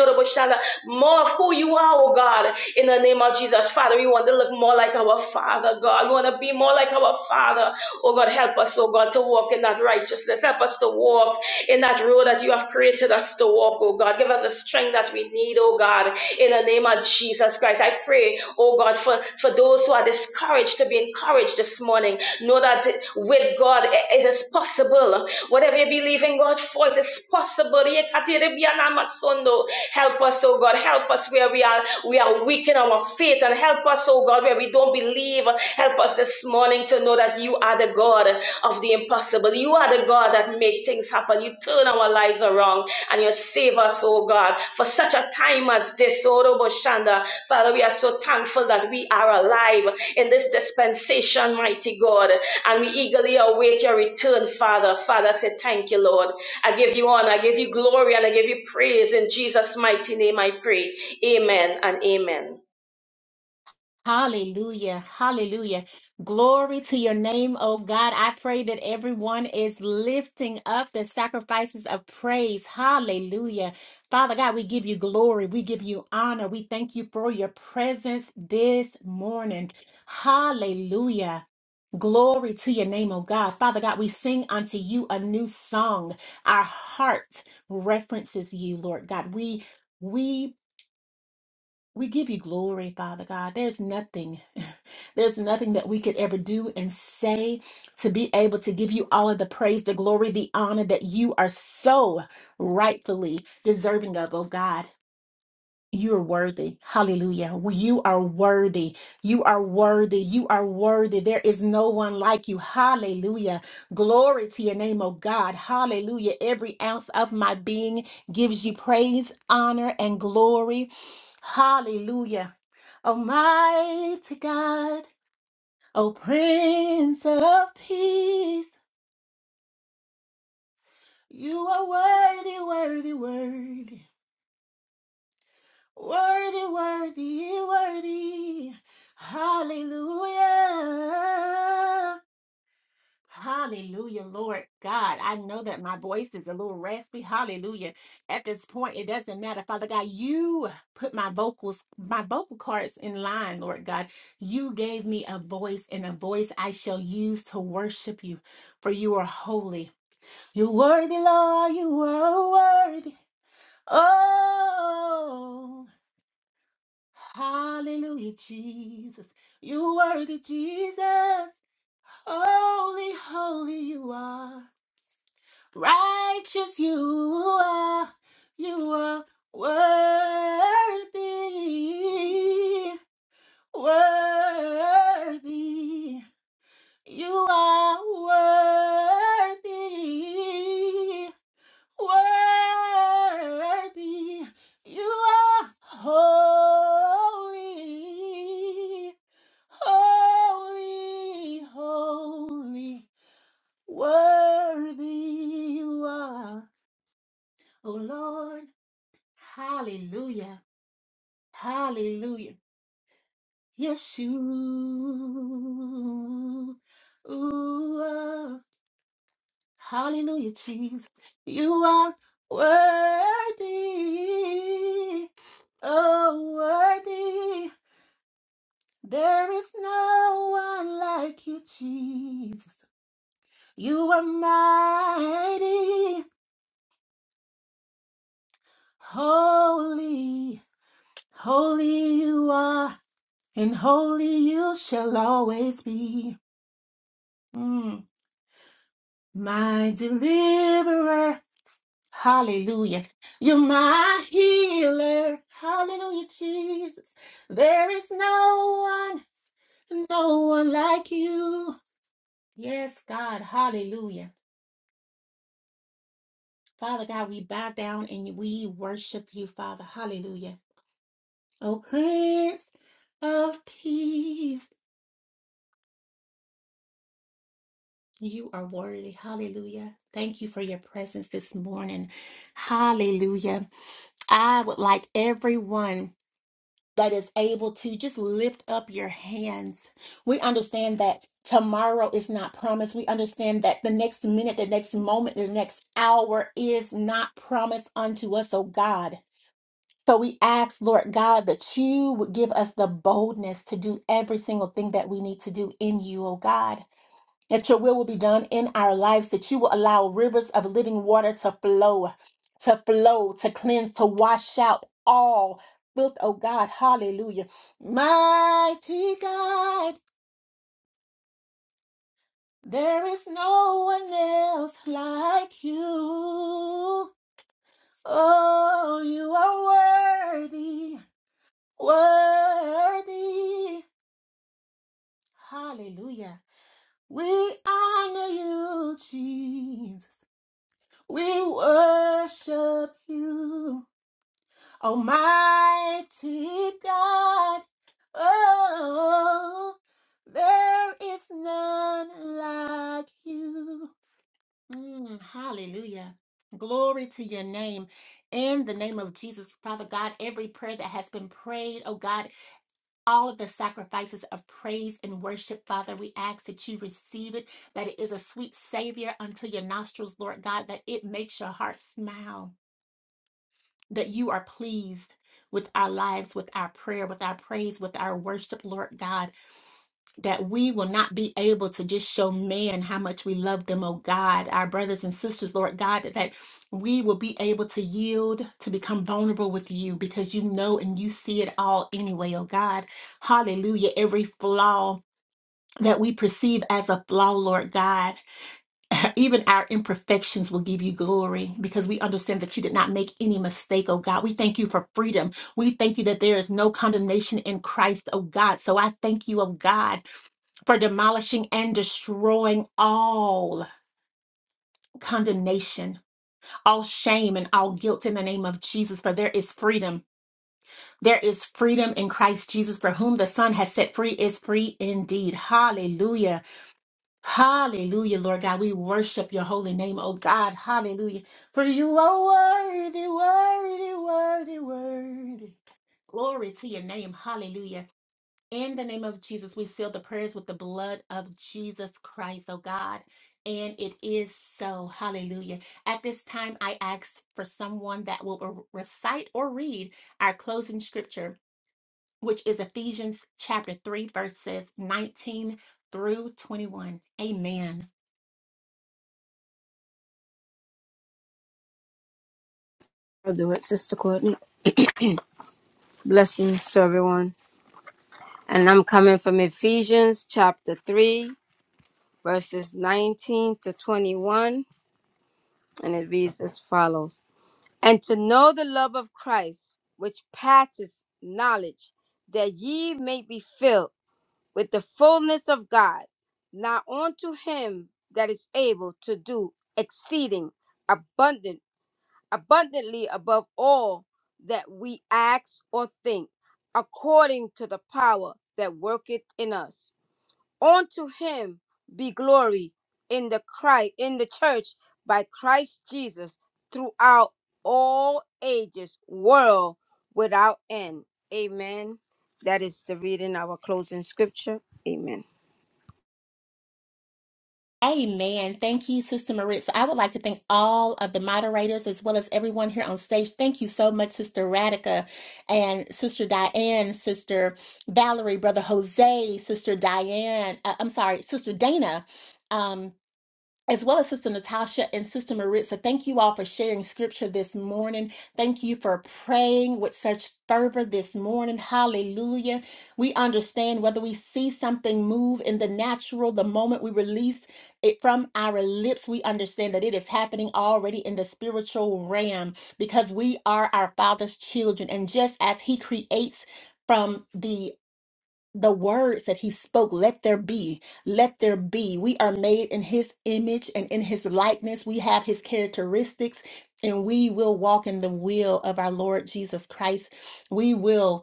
oh more of who you are, oh God, in the name of Jesus. Father, we want to look more like our Father, God. We want to be more like our Father. Oh God, help us, oh God, to walk in that righteousness. Help us to walk in that road that you have created us to walk, oh God. Give us us the strength that we need, oh God, in the name of Jesus Christ. I pray, oh God, for, for those who are discouraged to be encouraged this morning. Know that with God it it is possible. Whatever you believe in God for, it is possible. Help us, oh God. Help us where we are. We are weak in our faith and help us, oh God, where we don't believe. Help us this morning to know that you are the God of the impossible. You are the God that make things happen. You turn our lives around and you save us, oh God, for such a time as this, oh Robo Shanda. Father, we are so thankful that we are alive in this dispensation, mighty God, and we eagerly await your return, Father. Father, I say thank you, Lord. I give you honor, I give you glory, and I give you praise. In Jesus' mighty name, I pray. Amen and amen.
Hallelujah. Hallelujah. Glory to your name, oh God. I pray that everyone is lifting up the sacrifices of praise. Hallelujah. Father God, we give you glory. We give you honor. We thank you for your presence this morning. Hallelujah. Glory to your name, oh God. Father God, we sing unto you a new song. Our heart references you, Lord God. We we we give you glory, Father God. There's nothing, (laughs) there's nothing that we could ever do and say to be able to give you all of the praise, the glory, the honor that you are so rightfully deserving of, oh God. You're worthy. Hallelujah. You are worthy. You are worthy. You are worthy. There is no one like you. Hallelujah. Glory to your name, oh God. Hallelujah. Every ounce of my being gives you praise, honor, and glory. Hallelujah. Almighty God, oh Prince of Peace, you are worthy, worthy, worthy. Worthy, worthy, worthy. Hallelujah. Hallelujah, Lord God. I know that my voice is a little raspy. Hallelujah. At this point, it doesn't matter. Father God, you put my vocals, my vocal cords in line, Lord God. You gave me a voice and a voice I shall use to worship you, for you are holy. You're worthy, Lord. You are worthy. Oh. Hallelujah, Jesus. You worthy, Jesus. Holy, holy you are. Righteous you are. You are worthy. Worthy. You are worthy. Worthy. You are holy. Holy, holy, worthy you are, O Lord. Hallelujah, hallelujah. Yes, you Hallelujah, Jesus. You are worthy. Oh, worthy. There is no one like you, Jesus. You are mighty, holy, holy you are, and holy you shall always be. Mm. My deliverer, hallelujah. You're my healer, hallelujah, Jesus. There is no one, no one like you. Yes, God, hallelujah. Father God, we bow down and we worship you, Father, hallelujah. Oh, Prince. of peace. You are worthy. Hallelujah. Thank you for your presence this morning. Hallelujah. I would like everyone that is able to just lift up your hands. We understand that tomorrow is not promised. We understand that the next minute, the next moment, the next hour is not promised unto us, oh God. So we ask, Lord God, that you would give us the boldness to do every single thing that we need to do in you, oh God. that your will will be done in our lives, that you will allow rivers of living water to flow, to flow, to cleanse, to wash out all filth, oh God. Hallelujah. Mighty God, there is no one else like you. Oh, you are worthy, worthy. Hallelujah. We honor you, Jesus. We worship you, Almighty God. Oh, there is none like you. Mm, hallelujah. Glory to your name. In the name of Jesus, Father God, every prayer that has been prayed, oh God, all of the sacrifices of praise and worship, Father, we ask that you receive it, that it is a sweet savior unto your nostrils, Lord God, that it makes your heart smile that you are pleased with our lives, with our prayer, with our praise, with our worship, Lord God, that we will not be able to just show man how much we love them, oh God, our brothers and sisters, Lord God, that we will be able to yield, to become vulnerable with you because you know and you see it all anyway, oh God. Hallelujah. Every flaw that we perceive as a flaw, Lord God. (laughs) (clears throat) even our imperfections will give you glory because we understand that you did not make any mistake, oh God. We thank you for freedom. We thank you that there is no condemnation in Christ, oh God. So I thank you, oh God, for demolishing and destroying all condemnation, all shame, and all guilt in the name of Jesus. For there is freedom. There is freedom in Christ Jesus, for whom the Son has set free is free indeed. Hallelujah. Hallelujah, Lord God. We worship your holy name, oh God. Hallelujah. For you are worthy, worthy, worthy, worthy. Glory to your name. Hallelujah. In the name of Jesus, we seal the prayers with the blood of Jesus Christ, oh God. And it is so. Hallelujah. At this time, I ask for someone that will re- recite or read our closing scripture, which is Ephesians chapter 3, verses 19 through 21. Amen.
I'll do it, Sister Courtney. Blessings to everyone. And I'm coming from Ephesians chapter 3, verses 19 to 21. And it reads as follows And to know the love of Christ, which passeth knowledge, that ye may be filled with the fullness of God. Now unto him that is able to do exceeding abundant, abundantly above all that we ask or think, according to the power that worketh in us. Unto him be glory in the Christ in the church by Christ Jesus throughout all ages, world without end. Amen. That is the reading our closing scripture. Amen.
Amen. Thank you, Sister Maritza. I would like to thank all of the moderators as well as everyone here on stage. Thank you so much, Sister Radica and Sister Diane, Sister Valerie, Brother Jose, Sister Diane, uh, I'm sorry, Sister Dana. um, as well as Sister Natasha and Sister Maritza. Thank you all for sharing scripture this morning. Thank you for praying with such fervor this morning. Hallelujah. We understand whether we see something move in the natural, the moment we release it from our lips, we understand that it is happening already in the spiritual realm because we are our Father's children. And just as He creates, from the the words that he spoke let there be let there be we are made in his image and in his likeness we have his characteristics and we will walk in the will of our lord jesus christ we will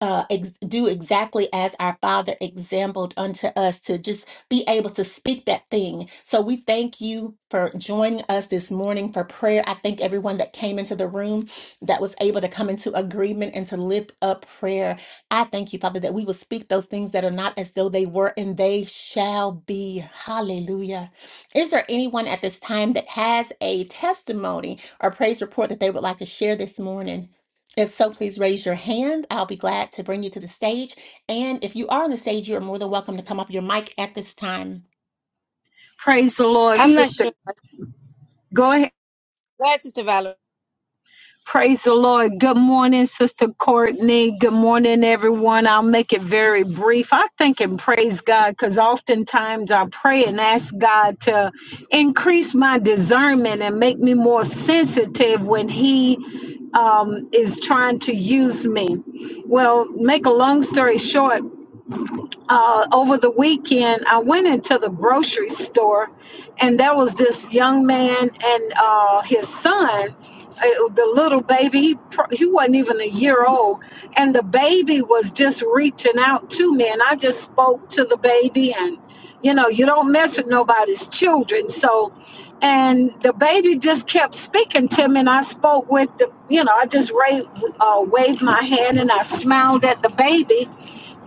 uh, ex- do exactly as our Father exampled unto us to just be able to speak that thing. So we thank you for joining us this morning for prayer. I thank everyone that came into the room that was able to come into agreement and to lift up prayer. I thank you, Father, that we will speak those things that are not as though they were and they shall be. Hallelujah. Is there anyone at this time that has a testimony or praise report that they would like to share this morning? If so, please raise your hand. I'll be glad to bring you to the stage. And if you are on the stage, you are more than welcome to come off your mic at this time.
Praise the Lord,
I'm not
sister.
sure.
Go ahead.
Glad Sister Valerie.
Praise the Lord. Good morning, Sister Courtney. Good morning, everyone. I'll make it very brief. I think and praise God because oftentimes I pray and ask God to increase my discernment and make me more sensitive when He um, is trying to use me. Well, make a long story short, uh, over the weekend, I went into the grocery store, and there was this young man and uh, his son, uh, the little baby. He pro- he wasn't even a year old, and the baby was just reaching out to me, and I just spoke to the baby, and you know, you don't mess with nobody's children, so. And the baby just kept speaking to me, and I spoke with the, you know, I just ra- uh, waved my hand and I smiled at the baby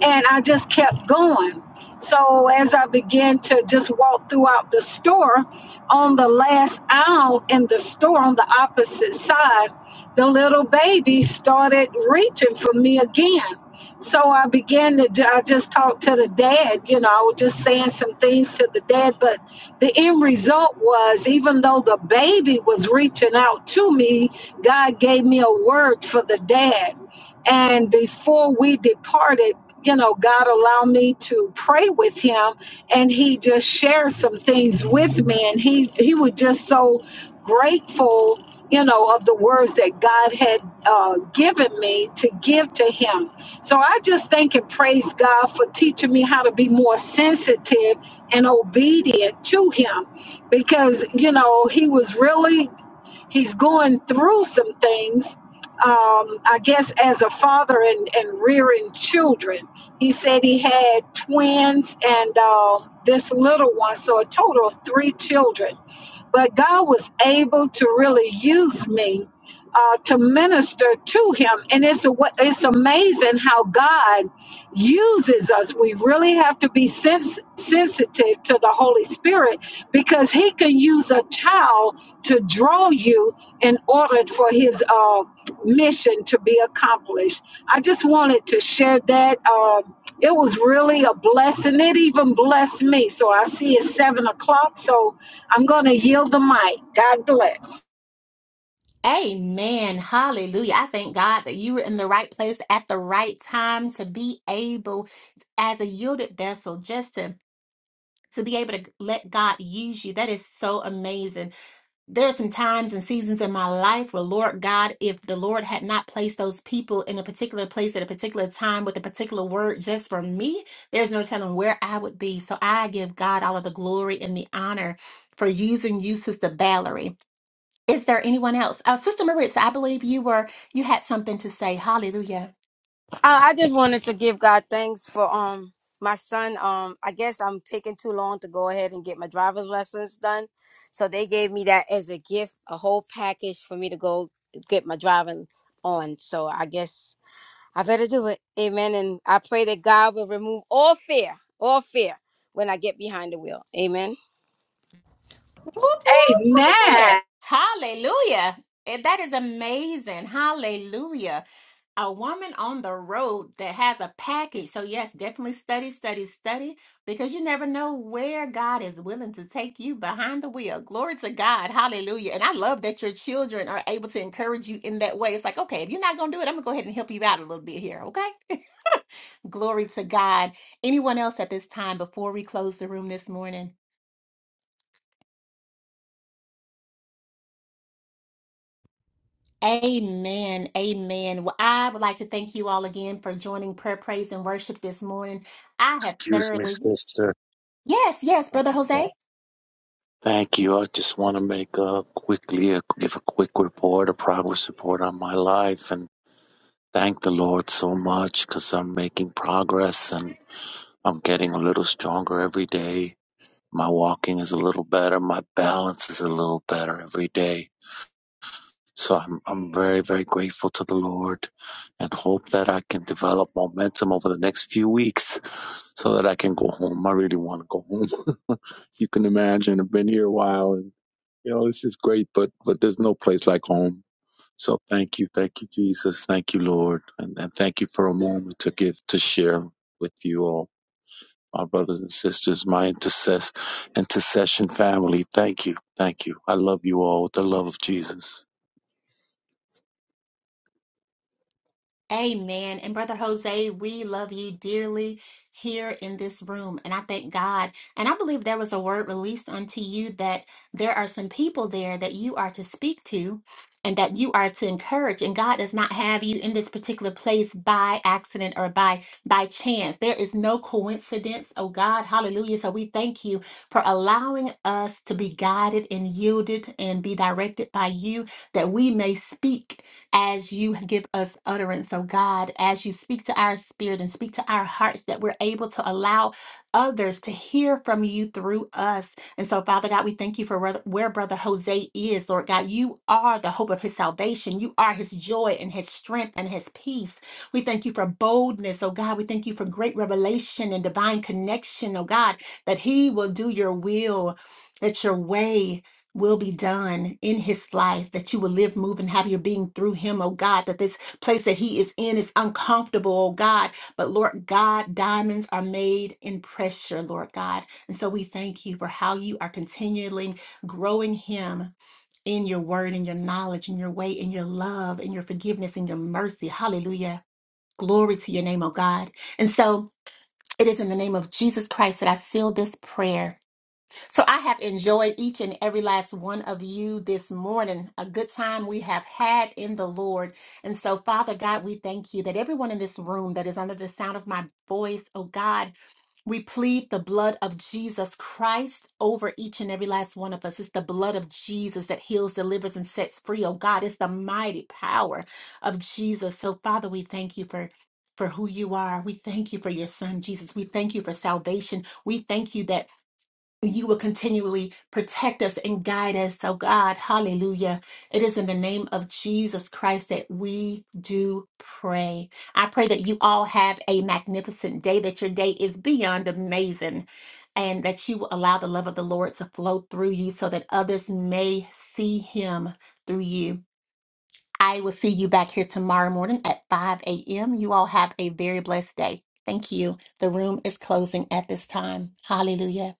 and I just kept going. So as I began to just walk throughout the store, on the last aisle in the store on the opposite side, the little baby started reaching for me again. So I began to, ju- I just talked to the dad, you know, I was just saying some things to the dad, but the end result was even though the baby was reaching out to me, God gave me a word for the dad. And before we departed, you know, God allowed me to pray with him and he just shared some things with me and he he was just so grateful, you know, of the words that God had uh, given me to give to him. So I just thank and praise God for teaching me how to be more sensitive and obedient to him because, you know, he was really he's going through some things um, I guess as a father and, and rearing children. He said he had twins and uh, this little one, so a total of three children. But God was able to really use me uh, to minister to him. And it's, a, wa- it's amazing how God uses us. We really have to be sens- sensitive to the Holy Spirit because he can use a child to draw you in order for his uh, mission to be accomplished. I just wanted to share that. Um, it was really a blessing. It even blessed me. So I see it's seven o'clock. So I'm going to yield the mic. God bless.
Amen. Hallelujah. I thank God that you were in the right place at the right time to be able, as a yielded vessel, just to, to be able to let God use you. That is so amazing. There are some times and seasons in my life where, Lord God, if the Lord had not placed those people in a particular place at a particular time with a particular word just for me, there's no telling where I would be. So I give God all of the glory and the honor for using you, Sister Valerie. Is there anyone else? Uh, Sister Maritza, I believe you were you had something to say. Hallelujah.
I, I just wanted to give God thanks for um my son. Um, I guess I'm taking too long to go ahead and get my driver's lessons done, so they gave me that as a gift, a whole package for me to go get my driving on. So I guess I better do it. Amen. And I pray that God will remove all fear, all fear when I get behind the wheel. Amen.
Whoop, whoop, look at there.
Amen.
Hallelujah. And That is amazing. Hallelujah. a woman on the road that has a package. So, yes, definitely study, study, study, because you never know where God is willing to take you behind the wheel. Glory to God. Hallelujah. And I love that your children are able to encourage you in that way. It's like, okay, if you're not going to do it, I'm going to go ahead and help you out a little bit here. Okay. (laughs) Glory to God. Anyone else at this time before we close the room this morning? Amen. Amen. Well, I would like to thank you all again for joining prayer, praise, and worship this morning. I have
Excuse me,
thoroughly,
sister.
Yes, yes,
I'm
Brother
sorry.
Jose.
Thank you. I just want to make a quickly a, give a quick report, a progress report on my life, and thank the Lord so much because I'm making progress and I'm getting a little stronger every day. My walking is a little better. My balance is a little better every day. So I'm, I'm very, very grateful to the Lord and hope that I can develop momentum over the next few weeks so that I can go home. I really want to go home. (laughs) you can imagine I've been here a while and you know, this is great, but, but there's no place like home so thank you, thank you, Jesus, thank you, Lord, and, and thank you for a moment to give to share with you all, my brothers and sisters, my intercess, intercession family. Thank you, thank you. I love you all with the love of Jesus.
Amen. And Brother Jose, we love you dearly here in this room. And I thank God. And I believe there was a word released unto you that there are some people there that you are to speak to and that you are to encourage. And God does not have you in this particular place by accident or by by chance. There is no coincidence. Oh God, hallelujah. So we thank you for allowing us to be guided and yielded and be directed by you that we may speak. as you give us utterance, oh God, as you speak to our spirit and speak to our hearts, that we're able to allow others to hear from you through us. And so, Father God, we thank you for where where Brother Jose is, Lord God. You are the hope of his salvation. You are his joy and his strength and his peace. We thank you for boldness, oh God. We thank you for great revelation and divine connection, oh God, that he will do your will, that your way will be done in his life, that you will live, move, and have your being through him, oh God, that this place that he is in is uncomfortable, oh God. But Lord God, diamonds are made in pressure, Lord God. And so we thank you for how you are continually growing him in your word, in your knowledge, in your way, in your love, in your forgiveness, in your mercy. Hallelujah. Glory to your name, oh God. And so it is in the name of Jesus Christ that I seal this prayer. So I have enjoyed each and every last one of you this morning, a good time we have had in the Lord. And so, Father God, we thank you that everyone in this room that is under the sound of my voice, oh God, we plead the blood of Jesus Christ over each and every last one of us. It's the blood of Jesus that heals, delivers, and sets free, oh God. It's the mighty power of Jesus. So, Father, we thank you for. For who you are. We thank you for your son, Jesus. We thank you for salvation. We thank you that you will continually protect us and guide us. So, God, hallelujah. It is in the name of Jesus Christ that we do pray. I pray that you all have a magnificent day, that your day is beyond amazing, and that you will allow the love of the Lord to flow through you so that others may see him through you. I will see you back here tomorrow morning at 5 a.m. You all have a very blessed day. Thank you. The room is closing at this time. Hallelujah.